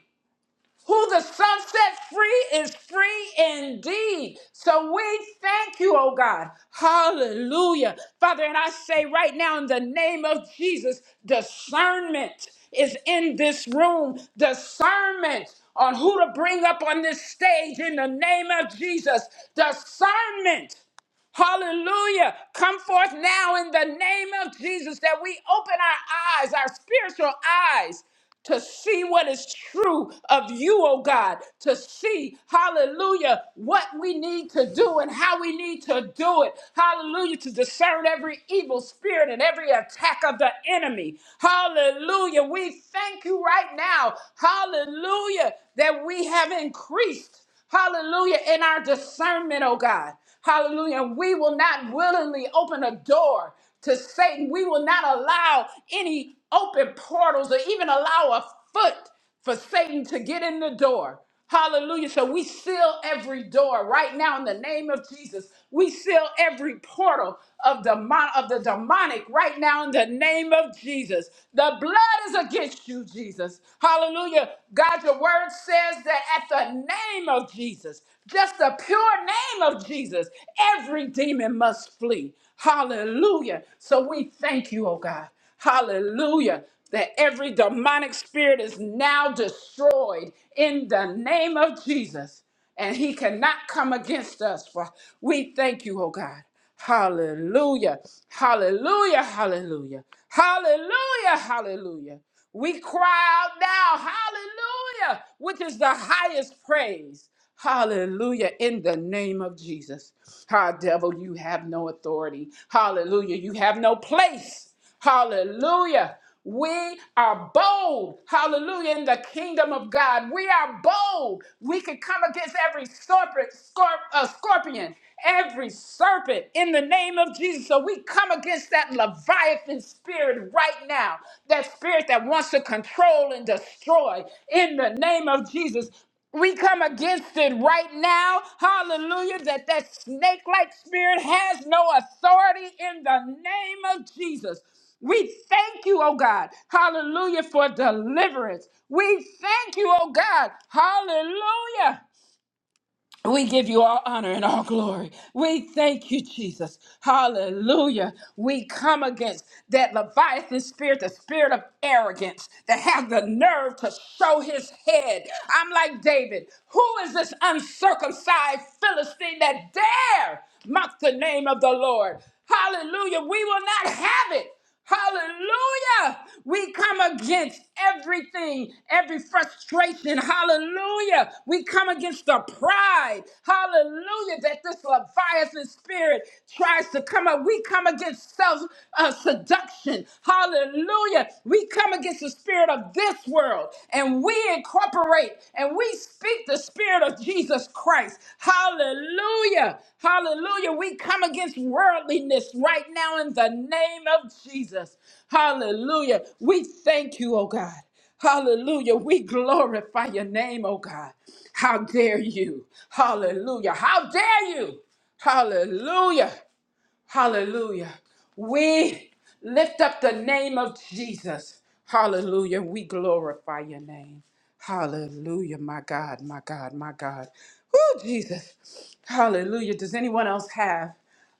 A: Who the sun sets free is free indeed. So we thank you, oh God. Hallelujah. Father, and I say right now in the name of Jesus, discernment is in this room. Discernment on who to bring up on this stage in the name of Jesus. Discernment. Hallelujah. Come forth now in the name of Jesus that we open our eyes, our spiritual eyes, to see what is true of you, oh God, to see, hallelujah, what we need to do and how we need to do it. Hallelujah, to discern every evil spirit and every attack of the enemy. Hallelujah. We thank you right now. Hallelujah, that we have increased. Hallelujah. In our discernment, oh God. Hallelujah. And we will not willingly open a door to Satan. We will not allow any open portals or even allow a foot for Satan to get in the door. Hallelujah. So we seal every door right now in the name of Jesus. We seal every portal of the, of the demonic right now in the name of Jesus. The blood is against you, Jesus. Hallelujah. God, your word says that at the name of Jesus, just the pure name of Jesus, every demon must flee. Hallelujah. So we thank you, oh God. Hallelujah. That every demonic spirit is now destroyed in the name of Jesus and he cannot come against us. For we thank you, oh God. Hallelujah. Hallelujah. Hallelujah. Hallelujah. Hallelujah. We cry out now, hallelujah, which is the highest praise. Hallelujah, in the name of Jesus. Ah, devil, you have no authority. Hallelujah, you have no place. Hallelujah. We are bold. Hallelujah. In the kingdom of God, we are bold. We can come against every serpent, scorp- uh, scorpion, every serpent in the name of Jesus. So we come against that Leviathan spirit right now, that spirit that wants to control and destroy in the name of Jesus. We come against it right now. Hallelujah. That that snake like spirit has no authority in the name of Jesus. We thank you, oh God. Hallelujah for deliverance. We thank you, oh God. Hallelujah. We give you all honor and all glory. We thank you, Jesus. Hallelujah. We come against that Leviathan spirit, the spirit of arrogance that has the nerve to show his head. I'm like David. Who is this uncircumcised Philistine that dare mock the name of the Lord? Hallelujah. We will not have it. Hallelujah. We come against everything, every frustration. Hallelujah. We come against the pride. Hallelujah. That this Leviathan spirit tries to come up. We come against self uh, seduction. Hallelujah. We come against the spirit of this world and we incorporate and we speak the spirit of Jesus Christ. Hallelujah. Hallelujah. We come against worldliness right now in the name of Jesus. Hallelujah. We thank you, oh God. Hallelujah. We glorify your name, oh God. How dare you? Hallelujah. How dare you? Hallelujah. Hallelujah. We lift up the name of Jesus. Hallelujah. We glorify your name. Hallelujah. My God, my God, my God. Oh, Jesus. Hallelujah. Does anyone else have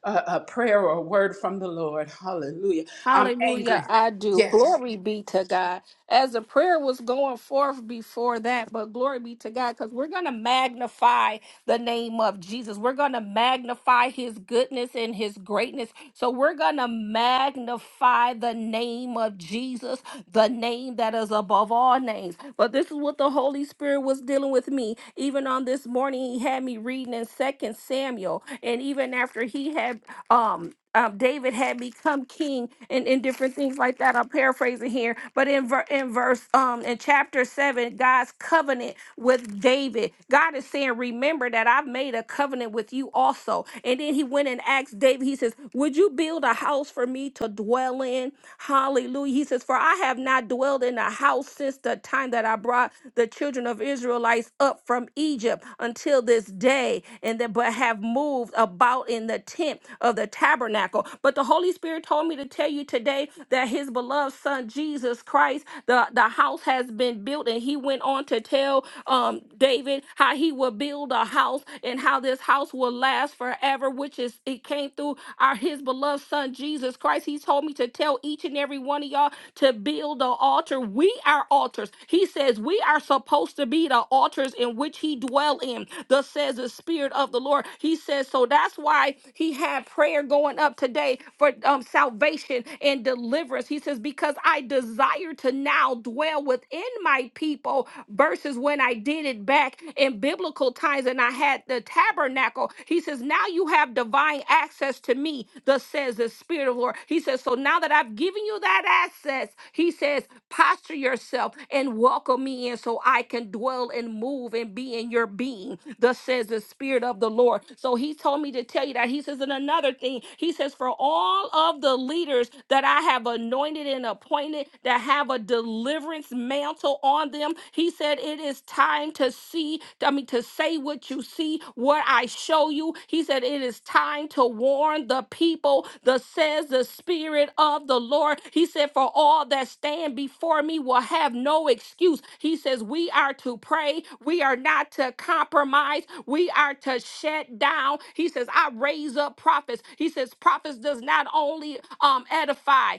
A: a, a prayer or a word from the Lord? Hallelujah. I'm
C: Hallelujah,
A: angry.
C: I do.
A: Yes.
C: Glory be to God. As the prayer was going forth before that, but glory be to God because we're going to magnify the name of Jesus. We're going to magnify his goodness and his greatness. So we're going to magnify the name of Jesus. the name that is above all names. But this is what the Holy Spirit was dealing with me. Even on this morning, he had me reading in Second Samuel, and even after he had um. Um, David had become king and, and different things like that. I'm paraphrasing here, but in ver- in verse um in chapter seven, God's covenant with David. God is saying, Remember that I've made a covenant with you also. And then he went and asked David, he says, Would you build a house? house for me to dwell in. Hallelujah. He says, For I have not dwelled in a house since the time that I brought the children of Israelites up from Egypt until this day, and then but have moved about in the tent of the tabernacle. But the Holy Spirit told me to tell you today that his beloved son Jesus Christ, the, the house has been built, and he went on to tell um David how he will build a house and how this house will last us forever, which is it came through our his beloved son Jesus Christ. He told me to tell each and every one of y'all to build an altar. We are altars. He says we are supposed to be the altars in which he dwell in. Thus says the Spirit of the Lord. He says, so that's why he had prayer going up today for um, salvation and deliverance. He says, because I desire to now dwell within my people versus when I did it back in biblical times and I had the tabernacle. He says, Now you have divine access to me, thus says the Spirit of the Lord. He says, So now that I've given you that access, he says, posture yourself and welcome me in so I can dwell and move and be in your being. Thus says the Spirit of the Lord. So he told me to tell you that. He says, and another thing, he says, for all of the leaders that I have anointed and appointed that have a deliverance mantle on them. He said, It is time to see, I mean, to say what you see, what I show you. He said, It is time to warn the people, the says the Spirit of the Lord. He said, For all that stand before me will have no excuse. He says, We are to pray, we are not to compromise, we are to shut down. He says, I raise up prophets. He says, Prophets does not only um, edify,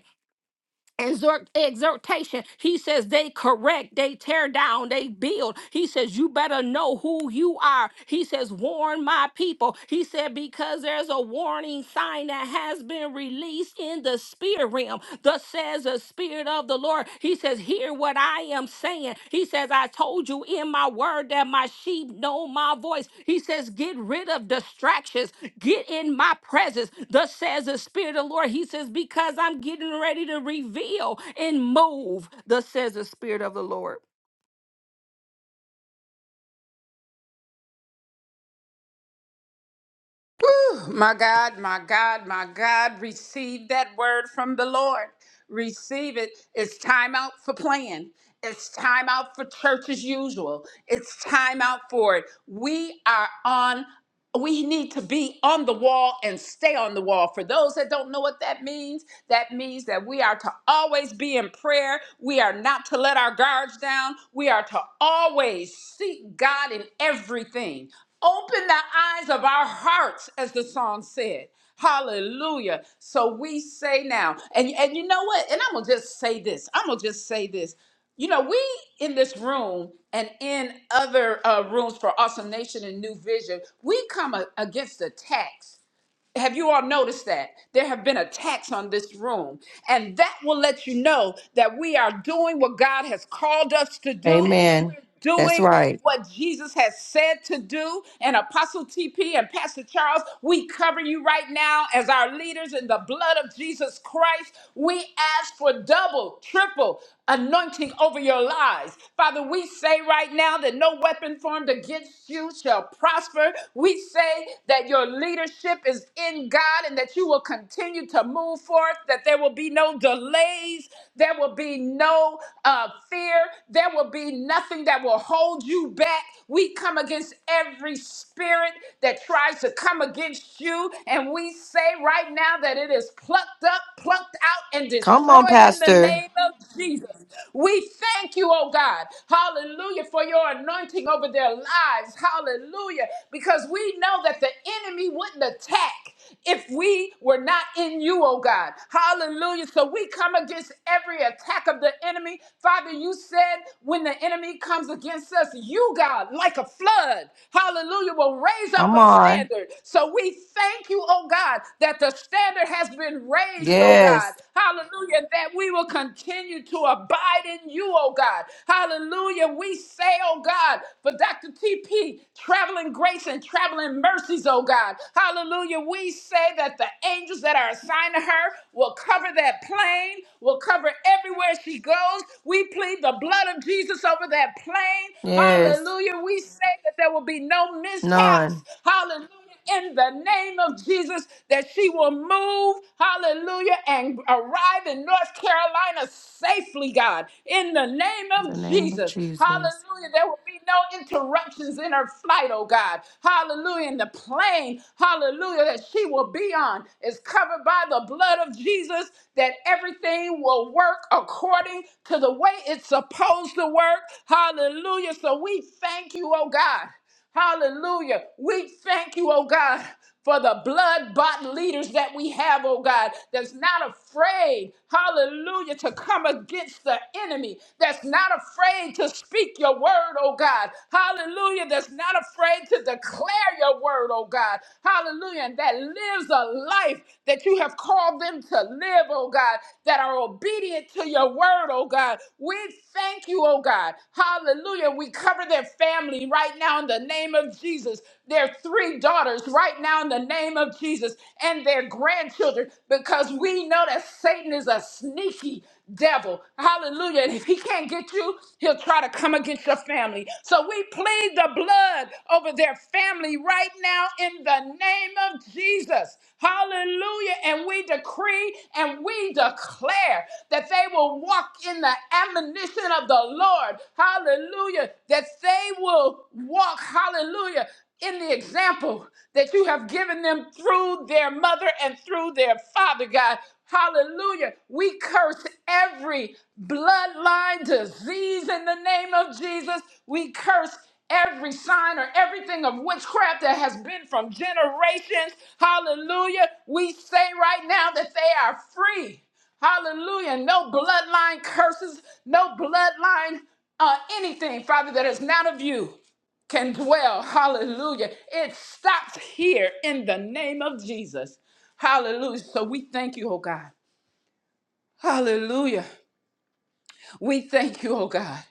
C: exhort, exhortation. He says they correct, they tear down, they build. He says you better know who you are. He says warn my people. He said because there's a warning sign that has been released in the spirit realm. Thus says the spirit of the Lord. He says says, Hear what I am saying. He says, I told you in my word that my sheep know my voice. He says, Get rid of distractions, get in my presence. Thus says the Spirit of the Lord. He says, Because I'm getting ready to reveal and move. Thus says the Spirit of the Lord.
A: My God, my God, my God, receive that word from the Lord. Receive it. It's time out for playing. It's time out for church as usual. It's time out for it. We are on we need to be on the wall and stay on the wall. For those that don't know what that means, that means that we are to always be in prayer. We are not to let our guards down. We are to always seek God in everything. Open the eyes of our hearts, as the song said. Hallelujah. So we say now, and, and you know what? And I'm going to just say this. I'm going to just say this you know, we in this room and in other uh, rooms for Awesome Nation and New Vision, we come a- against attacks have you all noticed that? There have been attacks on this room. And that will let you know that we are doing what God has called us to do. We're
F: Amen. That's
A: doing
F: right.
A: what Jesus has said to do. And Apostle TP and Pastor Charles, we cover you right now as our leaders in the blood of Jesus Christ. We ask for double, triple anointing over your lives. Father, we say right now that no weapon formed against you shall prosper. We say that your leadership is in God and that you will continue to move forth, that there will be no delays, there will be no uh, fear, there will be nothing that will hold you back. We come against every spirit that tries to come against you, and we say right now that it is plucked up, plucked out, and
F: Come on,
A: destroyed in the
F: Pastor.
A: name of Jesus. We thank you, oh God, hallelujah, for your anointing over over their lives. Hallelujah. Because we know that the enemy wouldn't attack if we were not in you, oh God. Hallelujah. So we come against every attack of the enemy. Father, you said when the enemy comes against us, you, God, like a flood, hallelujah, will raise up
F: Come
A: a
F: on.
A: standard. So we thank you, oh God, that the standard has been raised, oh
F: Yes.
A: God. Hallelujah. That we will continue to abide in you, oh God. Hallelujah. We say, oh God, for Dr. TP, traveling grace and traveling mercies, oh God. Hallelujah. We say that the angels that are assigned to her will cover that plane, will cover everywhere she goes. We plead the blood of Jesus over that plane.
F: Yes.
A: Hallelujah. We say that there will be no mishaps.
F: None.
A: Hallelujah in the name of Jesus that she will move, hallelujah, and arrive in North Carolina safely, God, in the name
F: In the
A: of
F: name of
A: Jesus.
F: Jesus.
A: Hallelujah. There will be no interruptions in her flight, oh God. Hallelujah. And the plane, hallelujah, that she will be on is covered by the blood of Jesus, that everything will work according to the way it's supposed to work. Hallelujah. So we thank you, oh God. Hallelujah. We thank you, oh God, for the blood bought leaders that we have, oh God, that's not afraid, hallelujah, to come against the enemy, that's not afraid to speak your word, oh God, hallelujah, that's not afraid to declare your word, oh God, hallelujah, and that lives a life that you have called them to live, oh God, that are obedient to your word, oh God. We thank you, oh God, hallelujah. We cover their family right now now in the name of Jesus, their three daughters right now in the name of Jesus, and their grandchildren, because we know that Satan is a sneaky devil. Hallelujah. And if he can't get you, he'll try to come against your family. So we plead the blood over their family right now in the name of Jesus. Hallelujah. And we decree and we declare that they will walk in the admonition of the Lord. Hallelujah. That they will walk, hallelujah, in the example that you have given them through their mother and through their father, God. Hallelujah. We curse every bloodline disease in the name of Jesus. We curse every sign or everything of witchcraft that has been from generations. Hallelujah. We say right now that they are free. Hallelujah. No bloodline curses, no bloodline uh, anything, Father, that is not of you can dwell. Hallelujah. It stops here in the name of Jesus. Hallelujah. So we thank you, oh God. Hallelujah. We thank you, oh God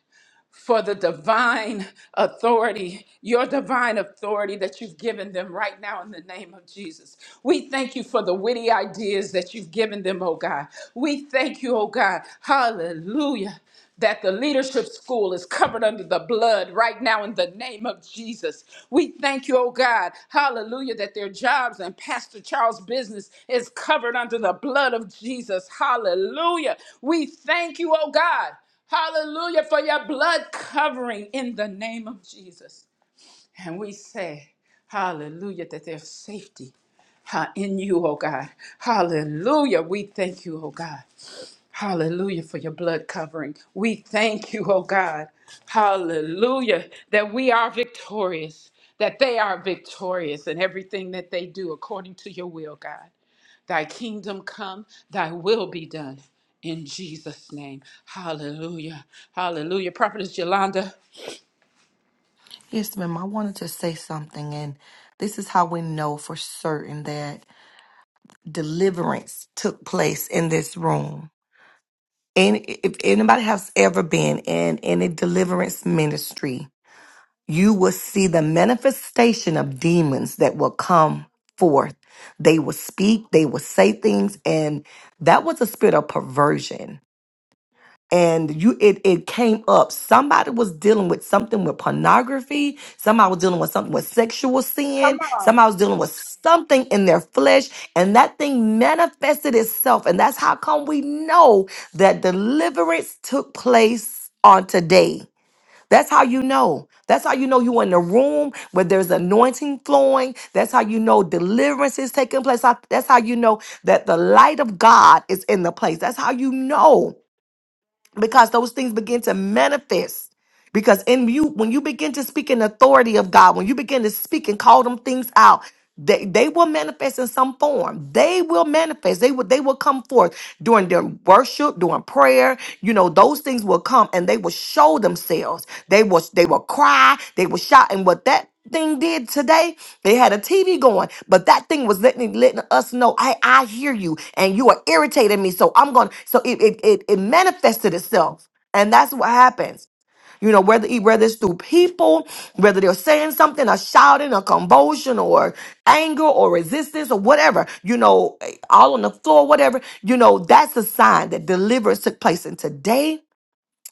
A: for the divine authority, your divine authority that you've given them right now in the name of Jesus. We thank you for the witty ideas that you've given them, oh God. We thank you, oh God. Hallelujah. That the leadership school is covered under the blood right now in the name of Jesus. We thank you, oh God, hallelujah, that their jobs and Pastor Charles' business is covered under the blood of Jesus. Hallelujah. We thank you, oh God. Hallelujah for your blood covering in the name of Jesus. And we say, Hallelujah, that there's safety uh, in you, oh God. Hallelujah. We thank you, oh God. Hallelujah for your blood covering. We thank you, oh God. Hallelujah that we are victorious, that they are victorious in everything that they do according to your will, God. Thy kingdom come, thy will be done. In Jesus' name. Hallelujah. Hallelujah. Prophetess Yolanda.
F: Yes, ma'am. I wanted to say something, and this is how we know for certain that deliverance took place in this room. And if anybody has ever been in any deliverance ministry, you will see the manifestation of demons that will come forth. They will speak, they will say things, and that was a spirit of perversion. And you it it came up. Somebody was dealing with something with pornography, somebody was dealing with something with sexual
A: Come
F: sin,
A: on.
F: somebody was dealing with something in their flesh, and that thing manifested itself. And that's how come we know that deliverance took place on today that's how you know. That's how you know you in the room where there's anointing flowing. That's how you know deliverance is taking place. How- That's how you know that the light of God is in the place. That's how you know because those things begin to manifest. Because in you, when you begin to speak in authority of God, when you begin to speak and call them things out, they, they will manifest in some form. They will manifest. They will they will come forth during their worship, during prayer. You know, those things will come and they will show themselves. They will they will cry, they will shout. And what that thing did today, they had a TV going, but that thing was letting letting us know, I I hear you and you are irritating me. So I'm gonna so it it it, it manifested itself. And that's what happens. You know, whether whether it's through people, whether they're saying something or shouting or convulsion or anger or resistance or whatever, you know, eh, all on the floor, whatever, you know, that's a sign that deliverance took place. And today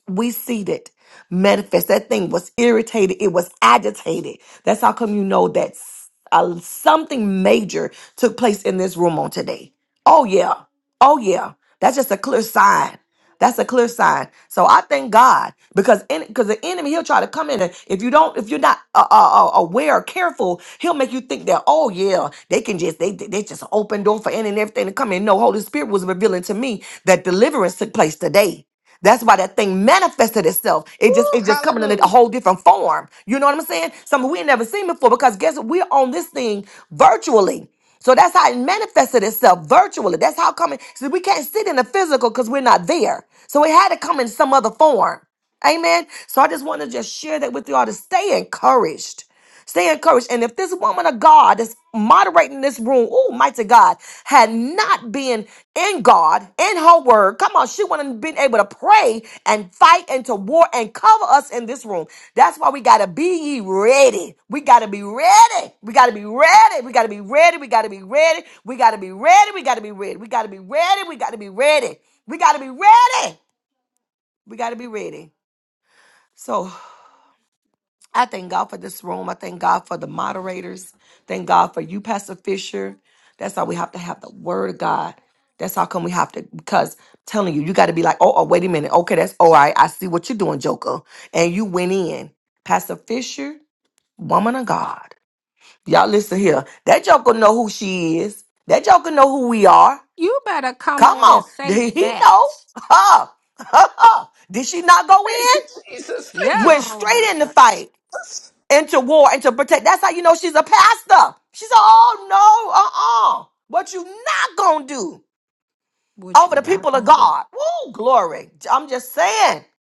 F: we see it manifest. That thing was irritated. It was agitated. That's how come you know that s- uh, something major took place in this room on today. Oh yeah. Oh yeah. That's just a clear sign. That's a clear sign. So I thank God because in because the enemy he'll try to come in and if you don't if you're not uh, uh, uh, aware or careful he'll make you think that oh yeah they can just they they just open door for any and everything to come in. No, Holy Spirit was revealing to me that deliverance took place today. That's why that thing manifested itself. It just
A: Ooh,
F: it just coming in a
A: hallelujah.
F: whole different form. You know what I'm saying? Something we ain't never seen before because guess what? We're on this thing virtually. So that's how it manifested itself virtually. That's how coming. See, we can't sit in the physical because we're not there. So it had to come in some other form. Amen. So I just want to just share that with y'all to stay encouraged. Stay encouraged. And if this woman of God is moderating this room, oh, mighty God, had not been in God, in her word, come on, she wouldn't have been able to pray and fight and to war and cover us in this room. That's why we got to be ye ready. We got to be ready. We got to be ready. We got to be ready. We got to be ready. We got to be ready. We got to be ready. We got to be ready. We got to be ready. We got to be ready. We got to be ready. So I thank God for this room. I thank God for the moderators. Thank God for you, Pastor Fisher. That's how we have to have the word of God. That's how come we have to, because I'm telling you, you got to be like, oh, oh, wait a minute. Okay, that's all right. I see what you're doing, Joker. And you went in. Pastor Fisher, woman of God. Y'all listen here. That Joker know who she is. That Joker know who we are.
C: You better come
F: Come
C: on and
F: on. [laughs]
C: say
F: Did he
C: that.
F: know? [laughs] Huh. Did she not go
A: Thank you,
F: in?
A: Jesus.
C: Yeah,
A: Thank you.
F: Went
C: the
F: straight
C: robo
F: in the
C: shot.
F: fight and to war and to protect. That's how you know she's a pastor. She said, Oh no, uh-uh. What you not gonna do
C: What
F: over
C: you
F: the
C: not
F: people of
C: gonna do?
F: God. Woo, glory. I'm just saying. [sighs]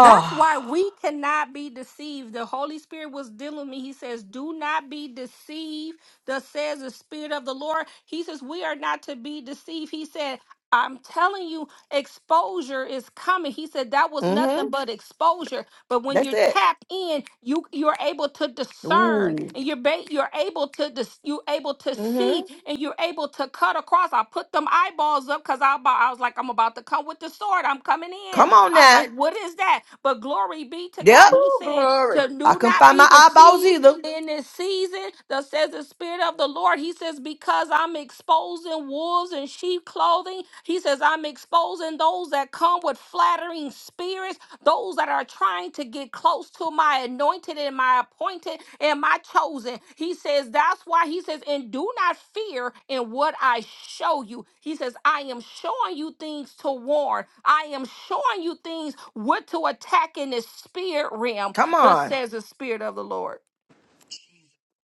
C: That's why we cannot be deceived. The Holy Spirit was dealing with me. He says, Do not be deceived. Thus says the Spirit of the Lord. He says, We are not to be deceived. He said, I'm telling you, exposure is coming. He said that was
F: mm-hmm.
C: nothing but exposure. But when
F: That's
C: you
F: it.
C: tap in, you you're able to discern,
F: Ooh.
C: and you're ba- you're able to dis- you able to
F: Mm-hmm.
C: see, and you're able to cut across. I put them eyeballs up because I, about- I was like, I'm about to come with the sword. I'm coming in
F: Come on
C: I was
F: now.
C: like, what is that? But glory be to
F: Yep.
C: God. He
A: Ooh,
C: said
A: glory.
C: to
F: I
C: do
F: couldn't
C: not
F: find
C: be
F: my eyeballs
C: deceived
F: either.
C: in this season. That says the Spirit of the Lord. He says, because I'm exposing wolves in sheep clothing. He says, I'm exposing those that come with flattering spirits those that are trying to get close to my anointed and my appointed and my chosen. He says, That's why he says, and do not fear in what I show you. He says, I am showing you things to warn, I am showing you things what to attack in the spirit realm.
F: Come
C: Thus
F: on.
C: says the spirit of the Lord.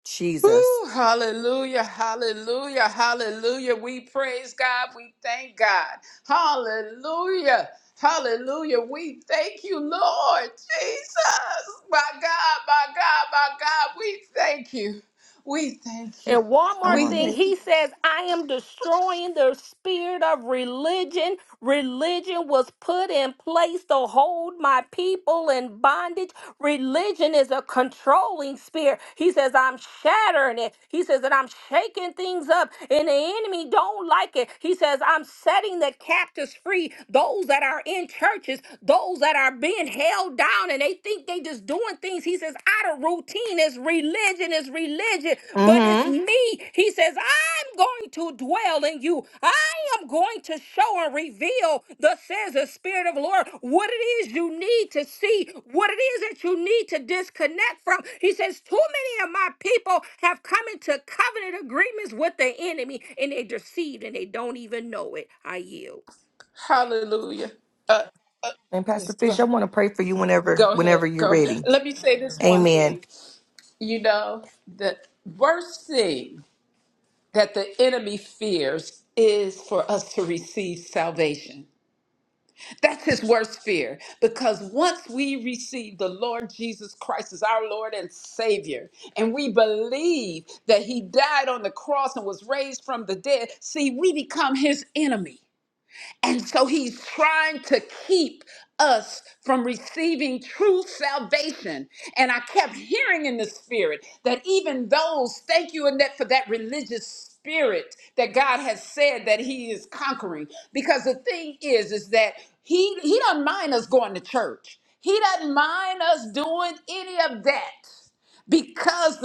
F: Jesus.
A: Ooh, hallelujah, hallelujah, hallelujah. We praise God. We thank God. Hallelujah, hallelujah. We thank you, Lord Jesus. My God, my God, my God. We thank you. We thank you.
C: And one
F: I
C: more
A: We
F: want to.
C: thing,
A: thank you.
C: he says, I am destroying the spirit of religion. Religion was put in place to hold my people in bondage. Religion is a controlling spirit. He says, I'm shattering it. He says that I'm shaking things up, and the enemy don't like it. He says, I'm setting the captives free, those that are in churches, those that are being held down, and they think think they just doing things. He says, out of routine is religion, is religion, but it's
F: Mm-hmm.
C: me. He says, I'm going to dwell in you. I am going to show and reveal the says the Spirit of the Lord what it is you need to see, what it is that you need to disconnect from. He says, Too many of my people have come into covenant agreements with the enemy and they deceived and they don't even know it. I yield.
A: Hallelujah. Uh, uh,
F: And Pastor
A: yes, go,
F: Fish, I want to pray for you whenever,
A: go ahead.
F: whenever you're
A: Go ahead.
F: ready.
A: Let me say this one
F: Amen.
A: thing. You know, the worst thing that the enemy fears is for us to receive salvation. That's his worst fear because once we receive the Lord Jesus Christ as our Lord and Savior, and we believe that he died on the cross and was raised from the dead, see, we become his enemy. And so he's trying to keep us from receiving true salvation. And I have in the spirit that even those, thank you, Annette, for that spirit that God has sent. Because the thing is that he, he don't just do it.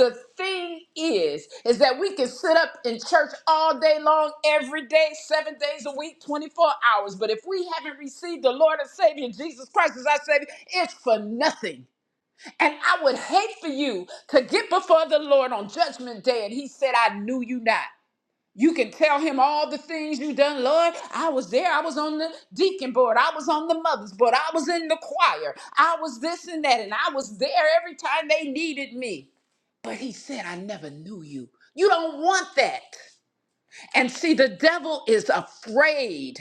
A: The thing is, in church all day long, every day, seven days, the Lord and Savior, Jesus Christ is our Savior, it's for nothing. And I would hate for you to get before the Lord on judgment day and he said, I knew you not. You can tell him all the things you done, Lord. I was there. I was on the deacon board. I was on the mother's board. I was in the choir. I was this and that. And I was there every time they needed me. But he said, I never knew you. You don't want that. And see, the devil is afraid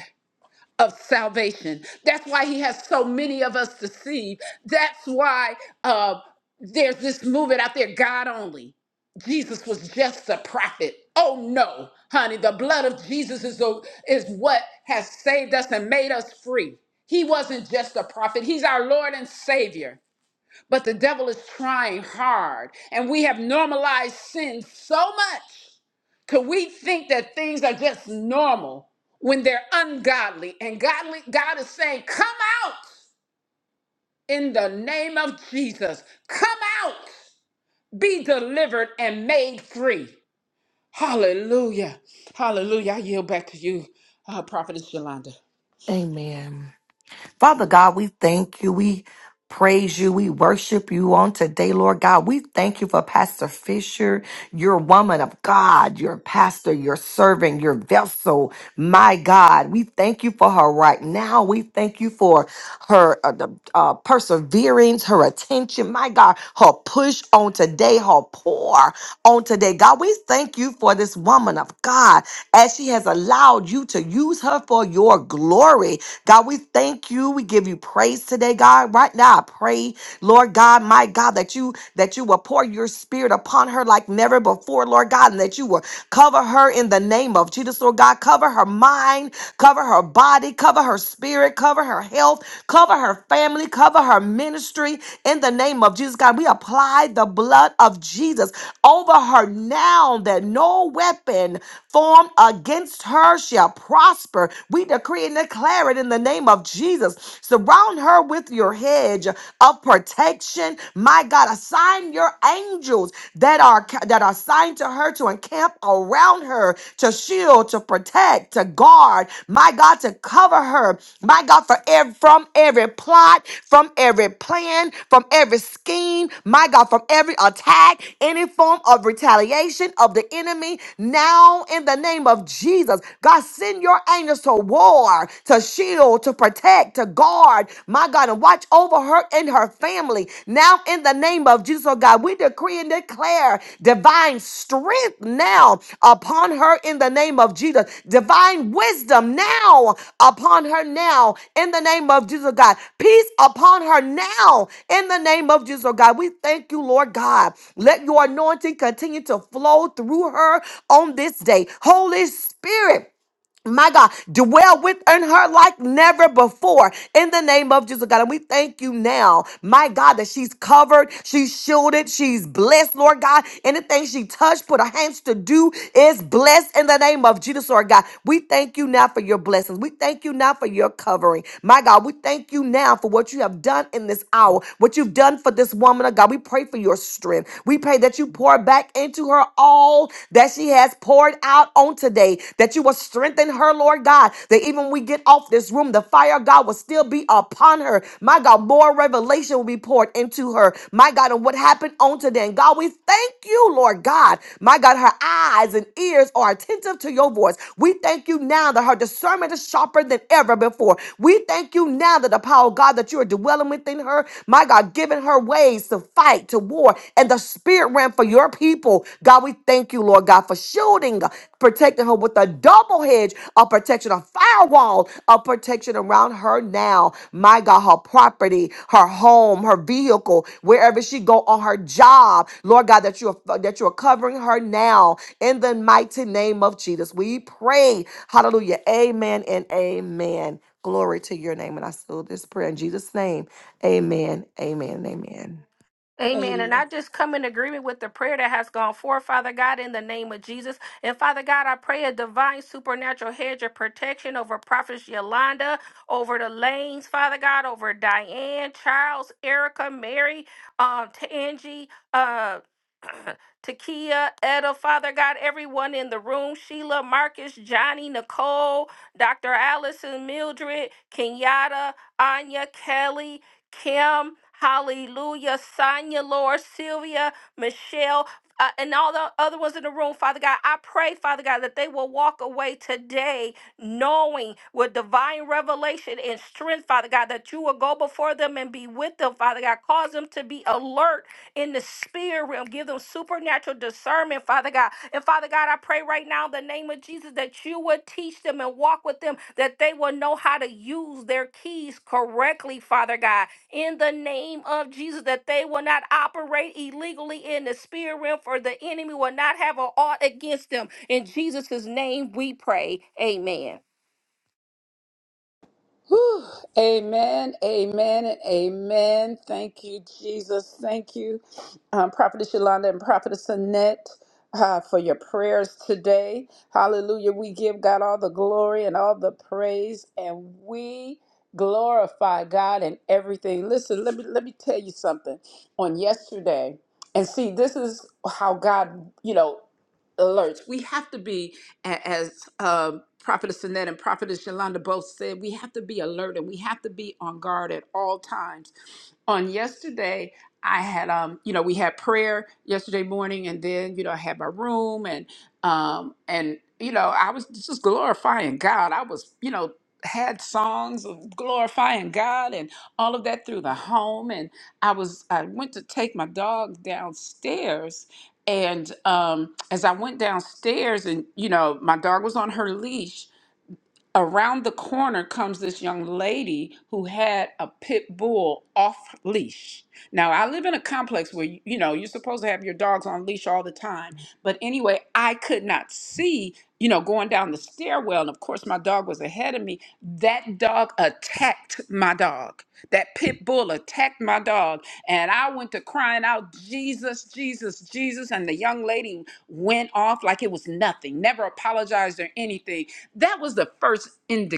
A: of salvation. That's why he has so many of us deceived. That's why uh, there's this movement out there, God only. Jesus was just a prophet. Oh no, honey, the blood of Jesus is, the, is what has saved us and made us free. He wasn't just a prophet, he's our Lord and Savior. But the devil is trying hard, and we have normalized sin so much to we think that things are just normal when they're ungodly. And godly, God is saying, Come out in the name of Jesus. Come out, be delivered and made free. Hallelujah. Hallelujah. I yield back to you, uh, Prophetess Yolanda.
F: Amen. Father God, we thank you. We praise you. We worship you on today, Lord God. We thank you for Pastor Fisher, your woman of God, your pastor, your servant, your vessel. My God, we thank you for her right now. We thank you for her uh, the, uh, perseverance, her attention. My God, her push on today, her pour on today. God, we thank you for this woman of God as she has allowed you to use her for your glory. God, we thank you. We give you praise today, God. Right now, I pray, Lord God, my God, that you that you will pour your spirit upon her like never before, Lord God, and that you will cover her in the name of Jesus, Lord God. Cover her mind, cover her body, cover her spirit, cover her health, cover her family, cover her ministry in the name of Jesus, God. We apply the blood of Jesus over her now that no weapon formed against her shall prosper. We decree and declare it in the name of Jesus. Surround her with your hedge of protection. My God, assign your angels that are that are assigned to her to encamp around her, to shield, to protect, to guard. My God, to cover her. My God, for every from every plot, from every plan, from every scheme, my God, from every attack, any form of retaliation of the enemy. Now, in the name of Jesus, God, send your angels to war, to shield, to protect, to guard, my God, and watch over her and her family. Now, in the name of Jesus, oh God, we decree decree and declare divine strength now upon her in the name of Jesus, divine wisdom now upon her now in the name of Jesus, God, peace upon her now in the name of Jesus, God. We thank you, Lord God. Let your anointing continue to flow through her on this day. Holy Spirit my God, dwell within her like never before in the name of Jesus, God. And we thank you now, my God, that she's covered, she's shielded, she's blessed, Lord God. Anything she touched, put her hands to do is blessed in the name of Jesus, Lord God. We thank you now for your blessings. We thank you now for your covering. My God, we thank you now for what you have done in this hour, what you've done for this woman of God. We pray for your strength. We pray that you pour back into her all that she has poured out on today, that you will strengthen her, Lord God, that even when we get off this room, the fire of God will still be upon her. My God, more revelation will be poured into her. My God, and what happened on today. And God, we thank you, Lord God. My God, her eyes and ears are attentive to your voice. We thank you now that her discernment is sharper than ever before. We thank you now that the power of God that you are dwelling within her, my God, giving her ways to fight, to war, and the spirit realm for your your people. God, we thank you, Lord God, for shielding, protecting her with a double hedge of protection, a firewall of protection around her now. My God, her property, her home, her vehicle, wherever she go on her job. Lord God, that you are that you are covering her now in the mighty name of Jesus. We pray. Hallelujah. Amen and amen. Glory to your name. And I seal this prayer in Jesus' name. Amen. Amen. and Amen.
C: Amen. And
A: Amen.
C: I just come in agreement with the prayer that has gone forth, Father God, in the name of Jesus. And Father God, I pray a divine supernatural hedge of protection over Prophet Yolanda, over the lanes, Father God, over Diane, Charles, Erica, Mary, um, Tangie, uh, [clears throat] Takia, Etta, Father God, everyone in the room, Sheila, Marcus, Johnny, Nicole, Dr. Allison, Mildred, Kenyatta, Anya, Kelly, Kim, hallelujah, Sonia, Lord, Sylvia, Michelle, uh, and all the other ones in the room, Father God, I pray, Father God, that they will walk away today knowing with divine revelation and strength, Father God, that you will go before them and be with them, Father God. Cause them to be alert in the spirit realm. Give them supernatural discernment, Father God. And Father God, I pray right now in the name of Jesus that you would teach them and walk with them, that they will know how to use their keys correctly, Father God in the name of Jesus that they will not operate illegally in the spirit realm, for the enemy will not have an ought against them. In Jesus' name we pray. Amen.
A: Whew. Amen, amen, and amen. Thank you, Jesus. Thank you, um, Prophetess Yolanda and Prophetess Annette, uh, for your prayers today. Hallelujah. We give God all the glory and all the praise, and we glorify God in everything. Listen, let me let me tell you something. On yesterday, and see, this is how God, you know, alerts. We have to be a- as um, Prophetess Annette and Prophetess Yolanda both said, we have to be alert and we have to be on guard at all times. On yesterday, I had, um, you know, we had prayer yesterday morning, and then, you know, I had my room, and um, and you know, I was just glorifying God. I was, you know, had songs of glorifying God and all of that through the home, and I was, I went to take my dog downstairs, and um, as I went downstairs, and you know, my dog was on her leash, around the corner comes this young lady who had a pit bull off leash. Dogs online, but anyway, I well, the dog me that dog attacked the dog pit bull, and I was Jesus, Jesus, Jesus, and the young like it was nothing. Apologized or anything. That's the first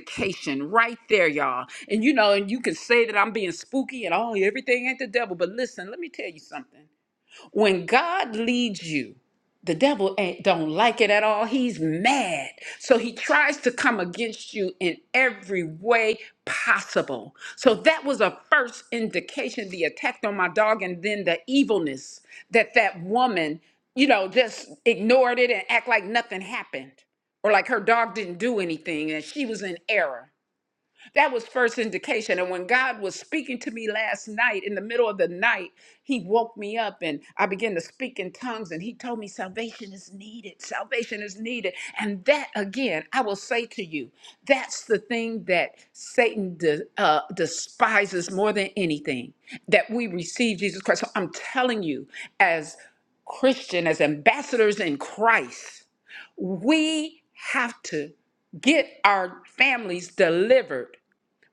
A: occasion right there, y'all. And you know, and you can say that I'm being spooky and oh, everything ain't the devil, but listen, let me tell you something. When God leads you, the devil ain't don't like it at all. He's mad. So he tries to come against you in every way possible. So that was a first indication the attack on my dog and then the evilness that that woman, you know, just ignored it and act like nothing happened or like her dog didn't do anything and she was in error. That was first indication. And when God was speaking to me last night in the middle of the night, He woke me up and I began to speak in tongues. And He told me, Salvation is needed. Salvation is needed. And that, again, I will say to you, that's the thing that Satan de- uh, despises more than anything that we receive Jesus Christ. So I'm telling you, as Christian, as ambassadors in Christ, we have to get our families delivered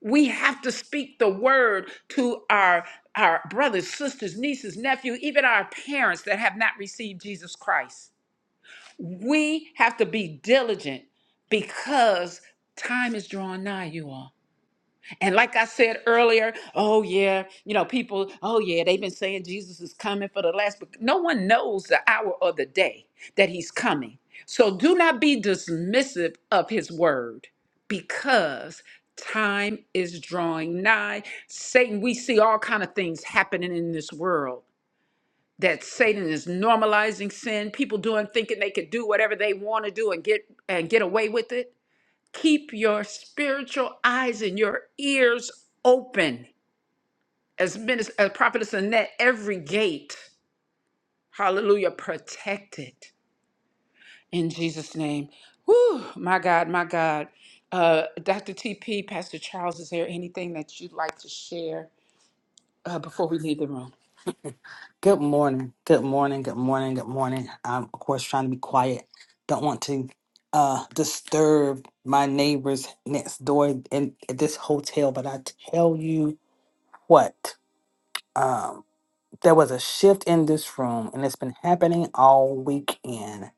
A: we have to speak the word to our our brothers, sisters, nieces, nephews, even our parents that have not received Jesus Christ. We have to be diligent because time is drawing nigh, you all. And like I said earlier, oh yeah, you know, people, oh yeah, they've been saying Jesus is coming for the last, but no one knows the hour or the day that he's coming. So do not be dismissive of his word because time is drawing nigh. Satan, we see all kind of things happening in this world that Satan is normalizing sin, people doing thinking they could do whatever they want to do and get and get away with it keep your spiritual eyes and your ears open as minister as prophetess annette every gate protected in jesus name [sighs] my god my god uh dr tp pastor charles is there anything that you'd like to share Either-
G: Good morning. Good morning. Good morning. Good morning. I'm of course trying to be quiet. Don't want to uh disturb my neighbors next door in this hotel, but I tell you what, um there was a shift in this room and it's been happening all weekend.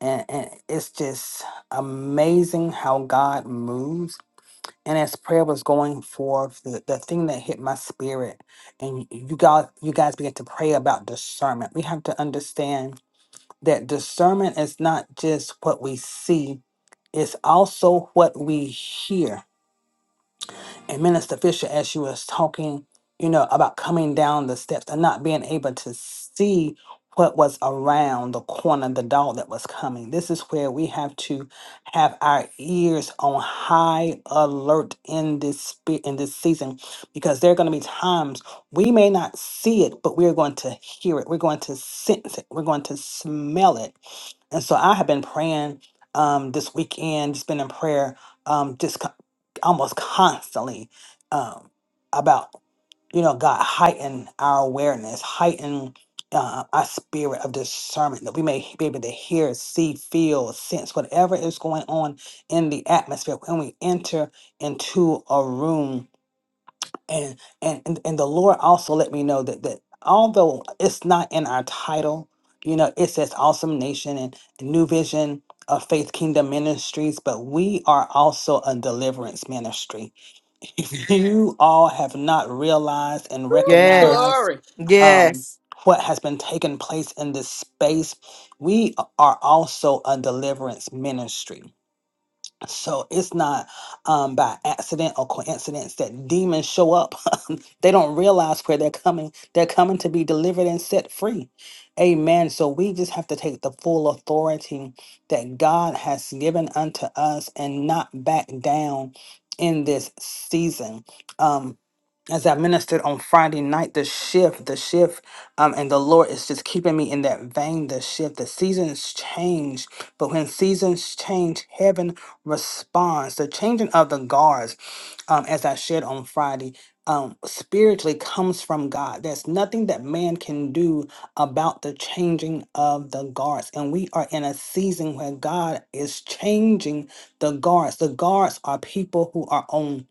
G: And, and it's just amazing how God moves and as prayer was going forth, the, the thing that hit my spirit, and y- you guys, you guys began to pray about discernment. We have to understand that discernment is not just what we see; it's also what we hear. And Minister Fisher, as she was talking, you know, about coming down the steps and not being able to see what was around the corner, the dog that was coming. This is where we have to have our ears on high alert in this spe- in this season, because there are going to be times we may not see it, but we're going to hear it. We're going to sense it. We're going to smell it and so I have been praying um, this weekend, just been in prayer um, just co- almost constantly um, about, you know, God heighten our awareness, heighten uh, our spirit of discernment that we may be able to hear, see, feel, sense whatever is going on in the atmosphere when we enter into a room and and and and the lord also let me know that that although it's not in our title you know it says awesome nation and new vision of faith kingdom ministries but we are also a deliverance ministry [laughs] if you all have not realized and
F: Yes.
G: recognized
A: glory
G: um
F: Yes.
G: what has been taking place in this space we are also a deliverance ministry so it's not um, by accident or coincidence that demons show up they don't realize where they're coming. They're coming to be delivered and set free. Amen. So we just have to take the full authority that God has given unto us and not back down in this season. Um, as I ministered on Friday night, the shift, the shift, um, and the Lord is just keeping me in that vein, the shift. The seasons change, but when seasons change, heaven responds. The changing of the guards, um, as I shared on Friday, um, spiritually comes from God. There's nothing that man can do about the changing of the guards. And we are in a season where God is changing the guards. The guards are people who are on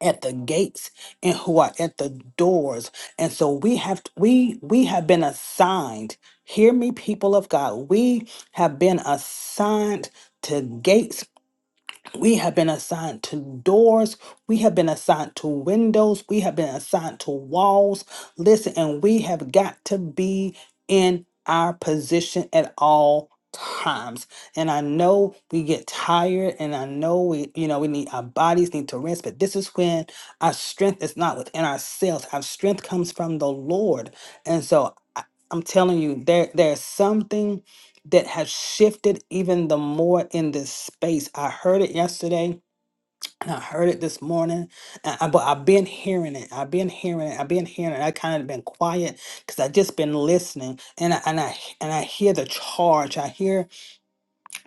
G: at the gates and who are at the doors. And so we have t- we we have been assigned. Hear me people of God. We have been assigned to gates we have been assigned to doors. We have been assigned to windows. We have been assigned to walls. Listen, and we have got to be in our position at all times. And I know we get tired and I know we, you know, we need our bodies need to rest, but this is when our strength is not within ourselves. Our strength comes from the Lord. And so I- I'm telling you, there there's something that have shifted even the more in this space. I heard it yesterday. And I heard it this morning, and I, but I've been hearing it. I've been hearing it. I've been hearing it. I kind of been quiet because I just been listening, and I, and I and I hear the charge. I hear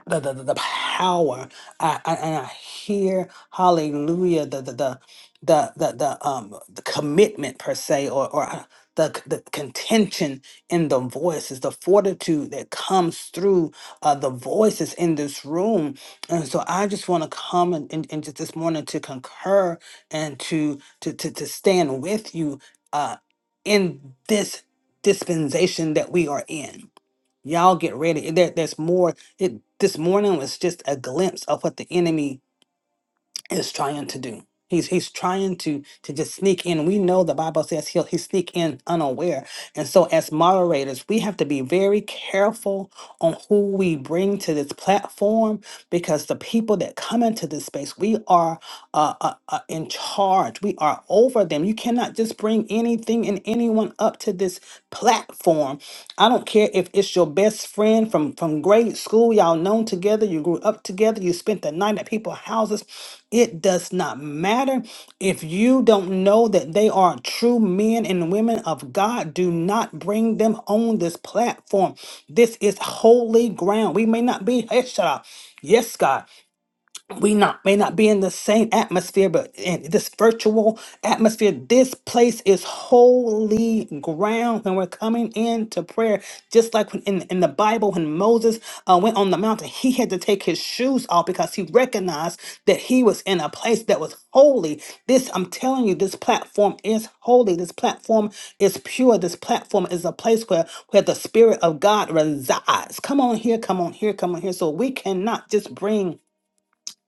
G: the the, the the power. I, I and I hear hallelujah the the the the the, the um the commitment per se or or uh, the the contention in the voices, the fortitude that comes through uh, the voices in this room. And so I just want to come and, and, and just this morning to concur and to to to, to stand with you uh, in this dispensation that we are in Y'all get ready. There, there's more. It, this morning was just a glimpse of what the enemy is trying to do. He's he's trying to to just sneak in. We know the Bible says he'll he sneak in unaware. And so as moderators, we have to be very careful on who we bring to this platform because the people that come into this space, we are uh, uh, uh, in charge. We are over them. You cannot just bring anything and anyone up to this platform. I don't care if it's your best friend from from grade school. Y'all known together. You grew up together. You spent the night at people's houses it does not matter if you don't know that they are true men and women of God. Do not bring them on this platform. This is holy ground. We may not be, [laughs] hey, shut up. Yes, God we not may not be in the same atmosphere but in this virtual atmosphere this place is holy ground when we're coming into prayer just like when in, in the bible when moses uh, went on the mountain he had to take his shoes off because he recognized that he was in a place that was holy this i'm telling you this platform is holy this platform is pure this platform is a place where where the spirit of god resides come on here come on here come on here so we cannot just bring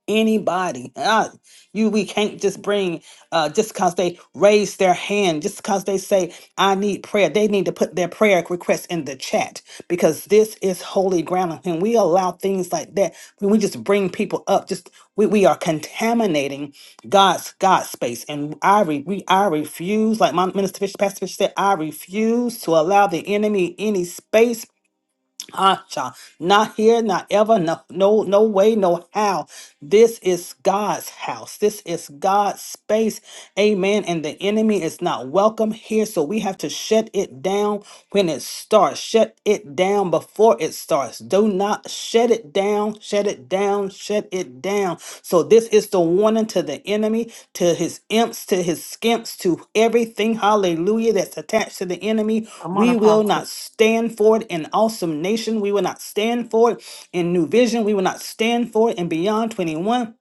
G: anybody. Ah, you we can't just bring uh just because they raise their hand, just because they say, I need prayer. They need to put their prayer request in the chat because this is holy ground. And we allow things like that, when we just bring people up, just we, we are contaminating God's God's space. And I re, we I refuse, like my minister Fish Pastor Fish said, I refuse to allow the enemy any space Acha, not here, not ever, no, no, no way, no how. This is God's house. This is God's space. Amen. And the enemy is not welcome here. So we have to shut it down when it starts. Shut it down before it starts. Do not shut it down down, shut it down, shut it down. So this is the warning to the enemy, to his imps, to his skimps, to everything, hallelujah, that's attached to the enemy.
F: Come on,
G: We will
F: Apostle.
G: not stand for it in awesome nation. We will not stand for it in new vision. We will not stand for it in beyond 21.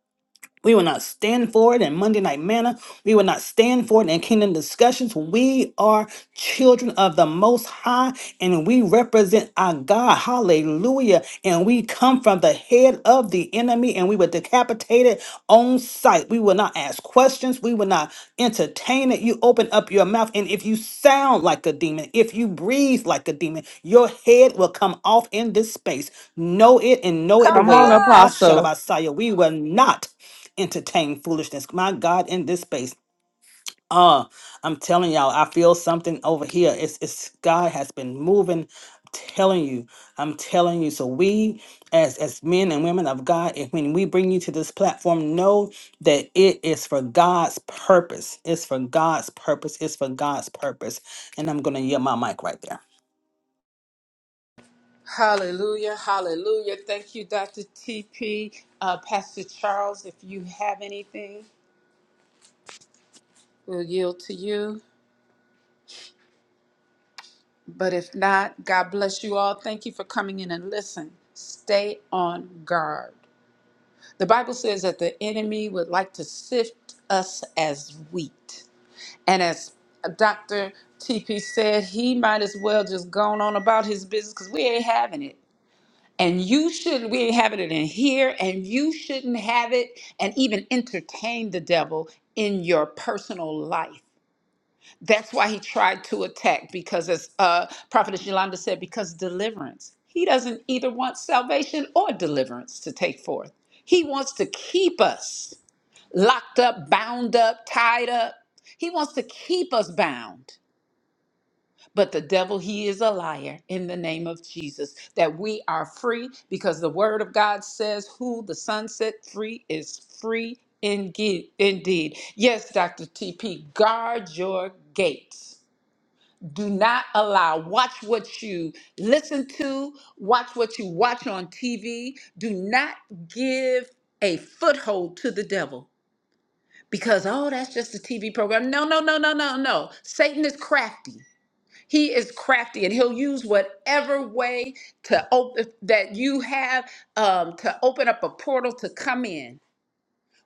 G: We will not stand for it in Monday Night Manna. We will not stand for it in Kingdom Discussions. We are children of the Most High and we represent our God. Hallelujah. And we come from the head of the enemy and we were decapitated on sight. We will not ask questions. We will not entertain it. You open up your mouth and if you sound like a demon, if you breathe like a demon, your head will come off in this space. Know it and know it
A: Come
F: Come
A: on.
F: on,
G: well. Hashanah
F: Apostle.
G: Messiah. We will not entertain foolishness. My God, in this space. Uh, I'm telling y'all, I feel something over here. It's it's God has been moving. I'm telling you, I'm telling you. So we, as as men and women of God, if when we bring you to this platform, know that it is for God's purpose. It's for God's purpose. It's for God's purpose. And I'm gonna yield my mic right there.
A: hallelujah hallelujah thank you dr tp uh pastor charles if you have anything we'll yield to you But if not, God bless you all. Thank you for coming in and listen. Stay on guard. The Bible says that the enemy would like to sift us as wheat. And as Dr. TP said, he might as well just gone on about his business because we ain't having it. And you shouldn't, we ain't having it in here, and you shouldn't have it and even entertain the devil in your personal life. That's why he tried to attack, because as uh, Prophetess Yolanda said, because deliverance. He doesn't either want salvation or deliverance to take forth. He wants to keep us locked up, bound up, tied up. He wants to keep us bound. But the devil, he is a liar in the name of Jesus, that we are free because the word of God says, Who the sun set free is free indeed. Indeed. Yes, Dr. TP, guard your gates do not allow. Watch what you listen to, watch what you watch on TV. Do not give a foothold to the devil because, oh, that's just a TV program. No, no, no, no, no, no. Satan is crafty. He is crafty and he'll use whatever way to open that you have um, to open up a portal to come in.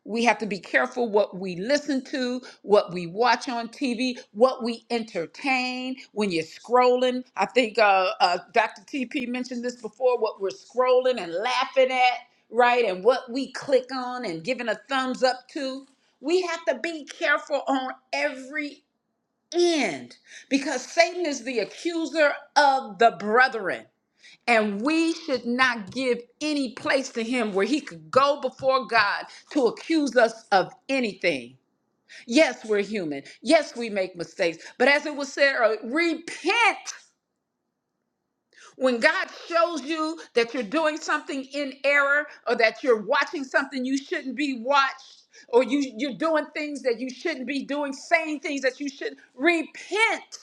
A: We have to be careful what we listen to, what we watch on TV, what we entertain. When you're scrolling, I think uh, uh, Dr. TP mentioned this before what we're scrolling and laughing at, right? And what we click on and giving a thumbs up to. We have to be careful on every end because Satan is the accuser of the brethren. And we should not give any place to him where he could go before God to accuse us of anything. Yes, we're human. Yes, we make mistakes. But as it was said earlier, repent. When God shows you that you're doing something in error or that you're watching something you shouldn't be watched or you, you're doing things that you shouldn't be doing, saying things that you should not repent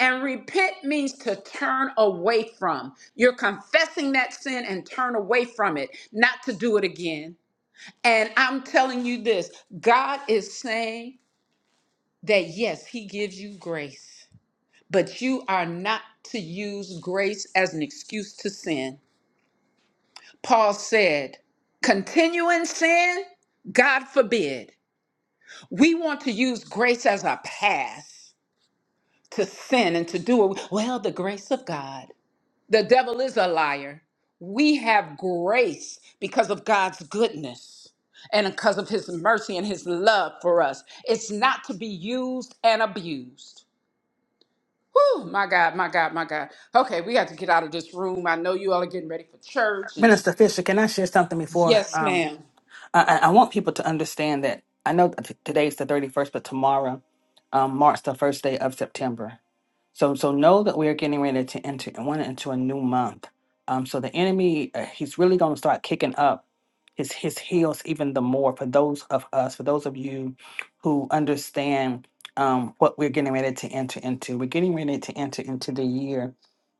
A: and repent means to turn away from. You're confessing that sin and turn away from it, not to do it again. And I'm telling you this God is saying that yes, He gives you grace, but you are not to use grace as an excuse to sin. Paul said, continue in sin? God forbid. We want to use grace as a pass to sin and to do it. Well, the grace of God. The devil is a liar. We have grace because of God's goodness and because of his mercy and his love for us. It's not to be used and abused. Whew, my God, my God, my God. Okay, we got to get out of this room. I know you all are getting ready for church. And
G: Minister Fisher, can I share something before?
A: yes,
G: Um,
A: ma'am.
G: I, I I want people to understand that I know that t- today's the 31st, but tomorrow um, marks the first day of September. So, so know that we are getting ready to enter one into a new month. Um, so the enemy, uh, he's really going to start kicking up his his heels even the more for those of us, for those of you who understand um, what we're getting ready to enter into. We're getting ready to enter into the year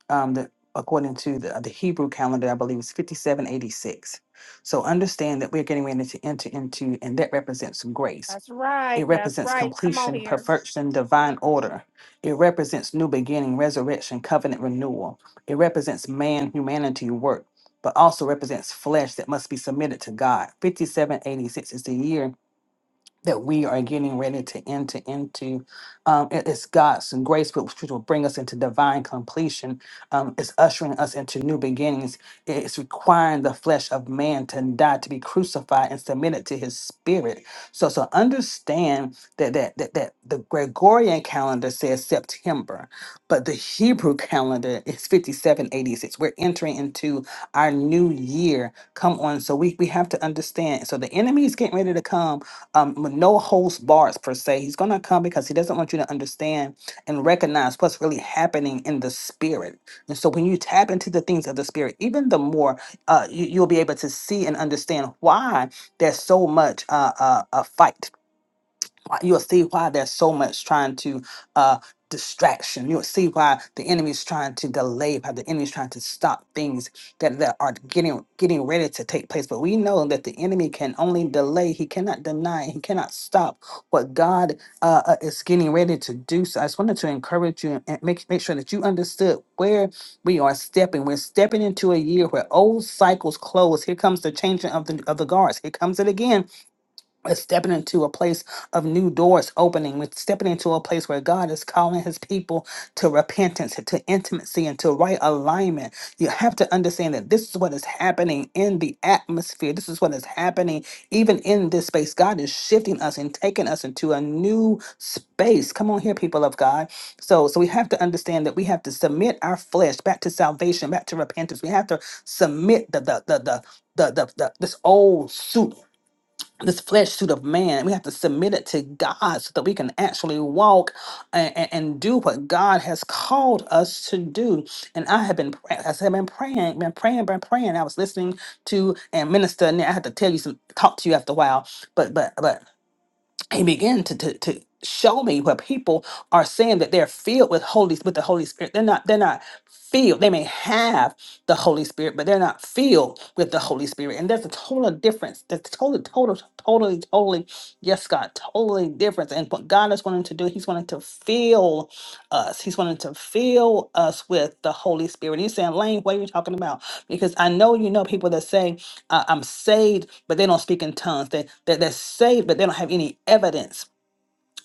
G: um, the, according to the, the Hebrew calendar, I believe it's 5786. So understand that we're getting ready to enter into, and that represents grace.
C: That's right.
G: It
C: That's
G: represents
C: right. Come on
G: completion,
C: here.
G: perfection, divine order. It represents new beginning, resurrection, covenant renewal. It represents man, humanity, work, but also represents flesh that must be submitted to God. 5786 is the year that we are getting ready to enter into. Um, it- it's God's grace, which which will bring us into divine completion. Um, it's ushering us into new beginnings. It's requiring the flesh of man to die, to be crucified and submitted to his spirit. So, so understand that, that, that, that the Gregorian calendar says September, but the Hebrew [laughs] calendar is 5786. We're entering into our new year. Come on. So we, we have to understand. So the enemy is getting ready to come um, with no host bars per se. He's going to come because he doesn't want you to understand and recognize what's really happening in the spirit. And so when you tap into the things of the spirit, even the more uh, you, you'll be able to see and understand why there's so much uh, uh, a fight why- you'll see why there's so much trying to uh distraction you'll see why the enemy's trying to delay how the enemy's trying to stop things that, that are getting getting ready to take place but we know that the enemy can only delay he cannot deny he cannot stop what god uh, uh, is getting ready to do so i just wanted to encourage you and make, make sure that you understood where we are stepping we're stepping into a year where old cycles close here comes the changing of the of the guards here comes it again we're stepping into a place of new doors opening. We're stepping into a place where God is calling his people to repentance, to intimacy, and to right alignment. You have to understand that this is what is happening in the atmosphere. This is what is happening even in this space. God is shifting us and taking us into a new space. Come on here, people of God. So, so we have to understand that we have to submit our flesh back to salvation, back to repentance. We have to submit the the the the the, the, the this old suit this flesh suit of man. We have to submit it to God so that we can actually walk and, and do what God has called us to do. And I have been, pray- as I've been praying, been praying, been praying. I was listening to and minister, and I had to tell you some, talk to you after a while. But but but he began to, to to show me where people are saying that they're filled with holy with the holy spirit they're not they're not filled they may have the holy spirit but they're not filled with the holy spirit and there's a total difference that's totally total totally totally yes god totally difference and what god is wanting to do he's wanting to fill us. He's wanting to fill us with the Holy Spirit. He's saying, Lane, what are you talking about? Because I know you know people that say, uh, I'm saved, but they don't speak in tongues. They, they, they're saved, but they don't have any evidence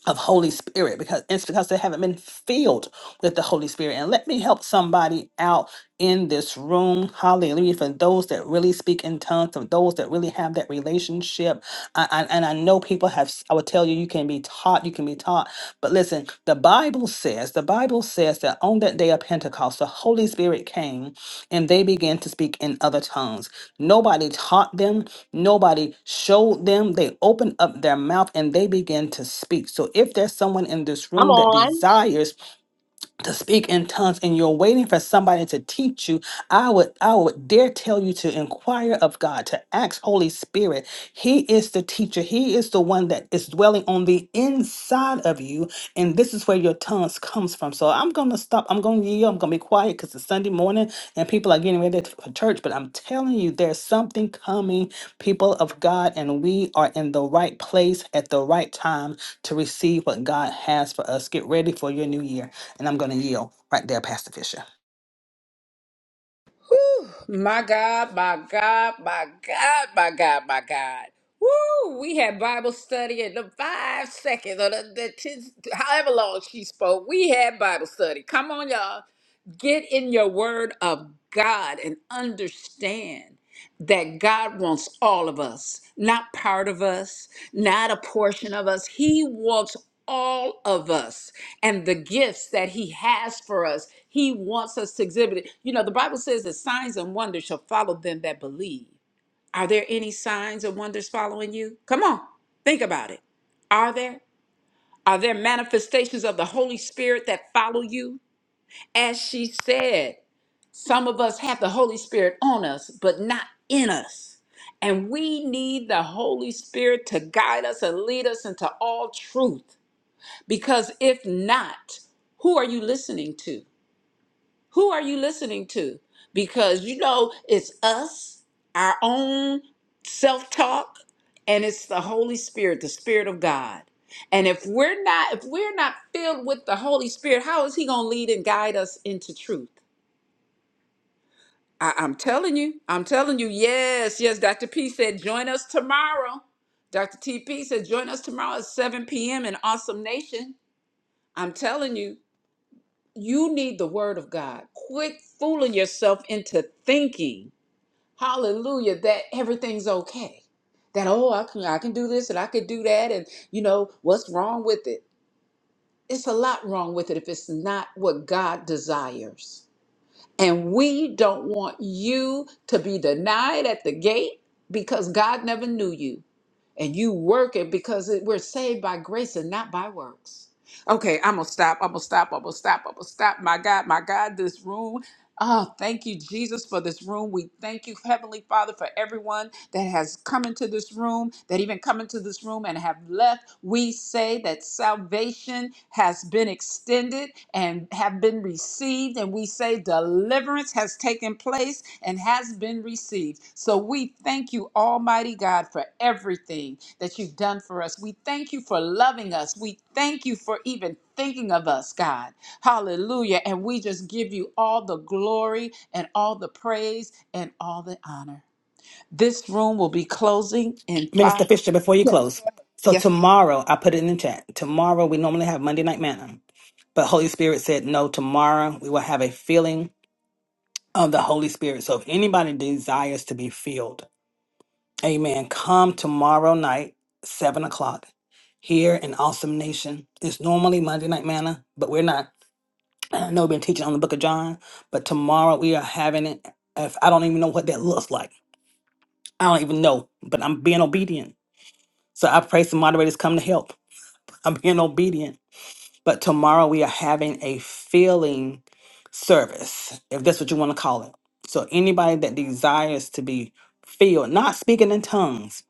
G: of Holy Spirit because it's because they haven't been filled with the Holy Spirit. And let me help somebody out in this room. Hallelujah. For those that really speak in tongues, for those that really have that relationship. I, I, and I know people have, I would tell you, you can be taught, you can be taught. But listen, Listen, the Bible says, the Bible says that on that day of Pentecost, the Holy Spirit came and they began to speak in other tongues. Nobody taught them, nobody showed them. They opened up their mouth and they began to speak. So if there's someone in this
H: I'm
G: room that
H: on.
G: desires to speak in tongues and you're waiting for somebody to teach you i would i would dare tell you to inquire of god to ask holy spirit he is the teacher he is the one that is dwelling on the inside of you and this is where your tongues comes from so i'm gonna stop i'm gonna yield i'm gonna be quiet because it's sunday morning and people are getting ready for church but i'm telling you there's something coming people of god and we are in the right place at the right time to receive what god has for us get ready for your new year and I'm going to yield right there, Pastor Fisher.
A: Whew, my God, my God, my God, my God, my God. Woo! We had Bible study in the five seconds or the, the ten, however long she spoke. We had Bible study. Come on, y'all. Get in your word of God and understand that God wants all of us, not part of us, not a portion of us. He wants all of us and the gifts that He has for us. He wants us to exhibit it. You know, the Bible says that signs and wonders shall follow them that believe. Are there any signs and wonders following you? Come on, think about it. Are there? Are there manifestations of the Holy Spirit that follow you? As she said, some of us have the Holy Spirit on us, but not in us. And we need the Holy Spirit to guide us and lead us into all truth. Because if not, who are you listening to? Who are you listening to? Because you know, it's us, our own self talk, and it's the Holy Spirit, the Spirit of God. And if we're not if we're not filled with the Holy Spirit, how is he going to lead and guide us into truth? I, I'm telling you, I'm telling you, yes, yes. Dr. P said, join us tomorrow. Dr. TP said, join us tomorrow at 7 p.m. in Awesome Nation. I'm telling you, you need the word of God. Quit fooling yourself into thinking, hallelujah, that everything's okay. That, oh, I can, I can do this and I can do that. And, you know, what's wrong with it? It's a lot wrong with it if it's not what God desires. And we don't want you to be denied at the gate because God never knew you. And you work it because it- we're saved by grace and not by works. Okay, I'm going to stop. I'm going to stop. I'm going to stop. I'm going to stop. My God, my God, this room. Oh, thank you, Jesus, for this room. We thank you, Heavenly Father, for everyone that has come into this room, that even come into this room and have left. We say that salvation has been extended and have been received. And we say, say deliverance has taken place and has been received. So we thank you, Almighty God, for everything that you've done for us. We thank you for loving us. We thank you for even thinking of us, God. Hallelujah. And we just give you all the glory and all the praise and all the honor. This room will be closing in
G: Minister
A: five.
G: Fisher, before you
A: Yes.
G: close, so
A: Yes.
G: tomorrow, I put it in the chat. Tomorrow, we normally have Monday Night Manna, but Holy Spirit said, no, tomorrow we will have a feeling of the Holy Spirit. So if anybody desires to be filled, amen, come tomorrow night, 7 o'clock, here in Awesome Nation. It's normally Monday Night Manna, but we're not. I know we've been teaching on the book of John, but tomorrow we are having it. If I don't even know what that looks like, I don't even know, but I'm being obedient. So I pray some moderators come to help. [laughs] I'm being obedient. But tomorrow we are having a feeling service, if that's what you want to call it. So anybody that desires to be filled, not speaking in tongues,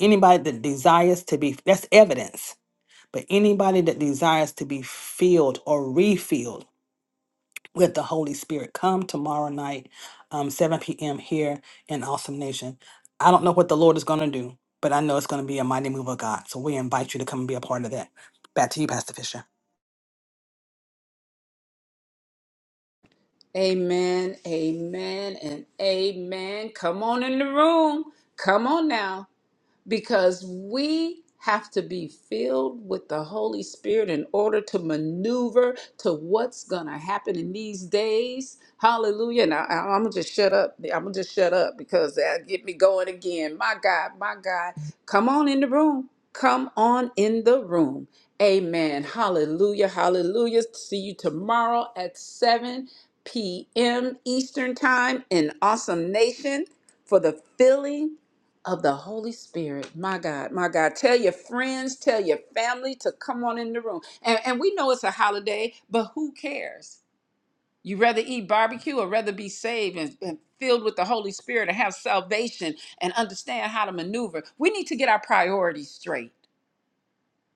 G: anybody that desires to be, that's evidence, but anybody that desires to be filled or refilled with the Holy Spirit. Come tomorrow night, um, 7 p.m. here in Awesome Nation. I don't know what the Lord is going to do, but I know it's going to be a mighty move of God. So we invite you to come and be a part of that. Back to you, Pastor Fisher.
A: Amen. Amen. And amen. Come on in the room. Come on now. because we have to be filled with the Holy Spirit in order to maneuver to what's going to happen in these days. Hallelujah. Now, I'm going to just shut up. I'm going to just shut up because that get me going again. My God, my God. Come on in the room. Come on in the room. Amen. Hallelujah. Hallelujah. See you tomorrow at 7 p.m. Eastern Time in Awesome Nation for the filling of the Holy Spirit. My God, my God. Tell your friends, tell your family to come on in the room. And, and we know it's a holiday, but who cares? You rather eat barbecue or rather be saved and, and filled with the Holy Spirit and have salvation and understand how to maneuver. We need to get our priorities straight.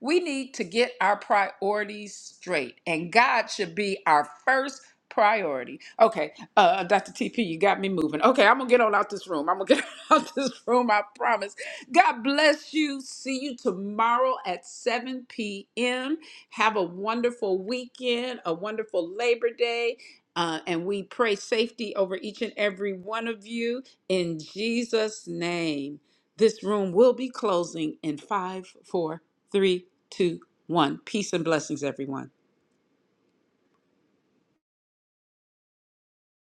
A: We need to get our priorities straight, and God should be our first priority. Okay, uh, Dr. TP, you got me moving. Okay, I'm gonna get on out this room. I'm gonna get [laughs] out this room. I promise. God bless you. See you tomorrow at 7 p.m. Have a wonderful weekend, a wonderful Labor Day. Uh, and we pray safety over each and every one of you in Jesus' name. This room will be closing in five, four, three, two, one. Peace and blessings, everyone.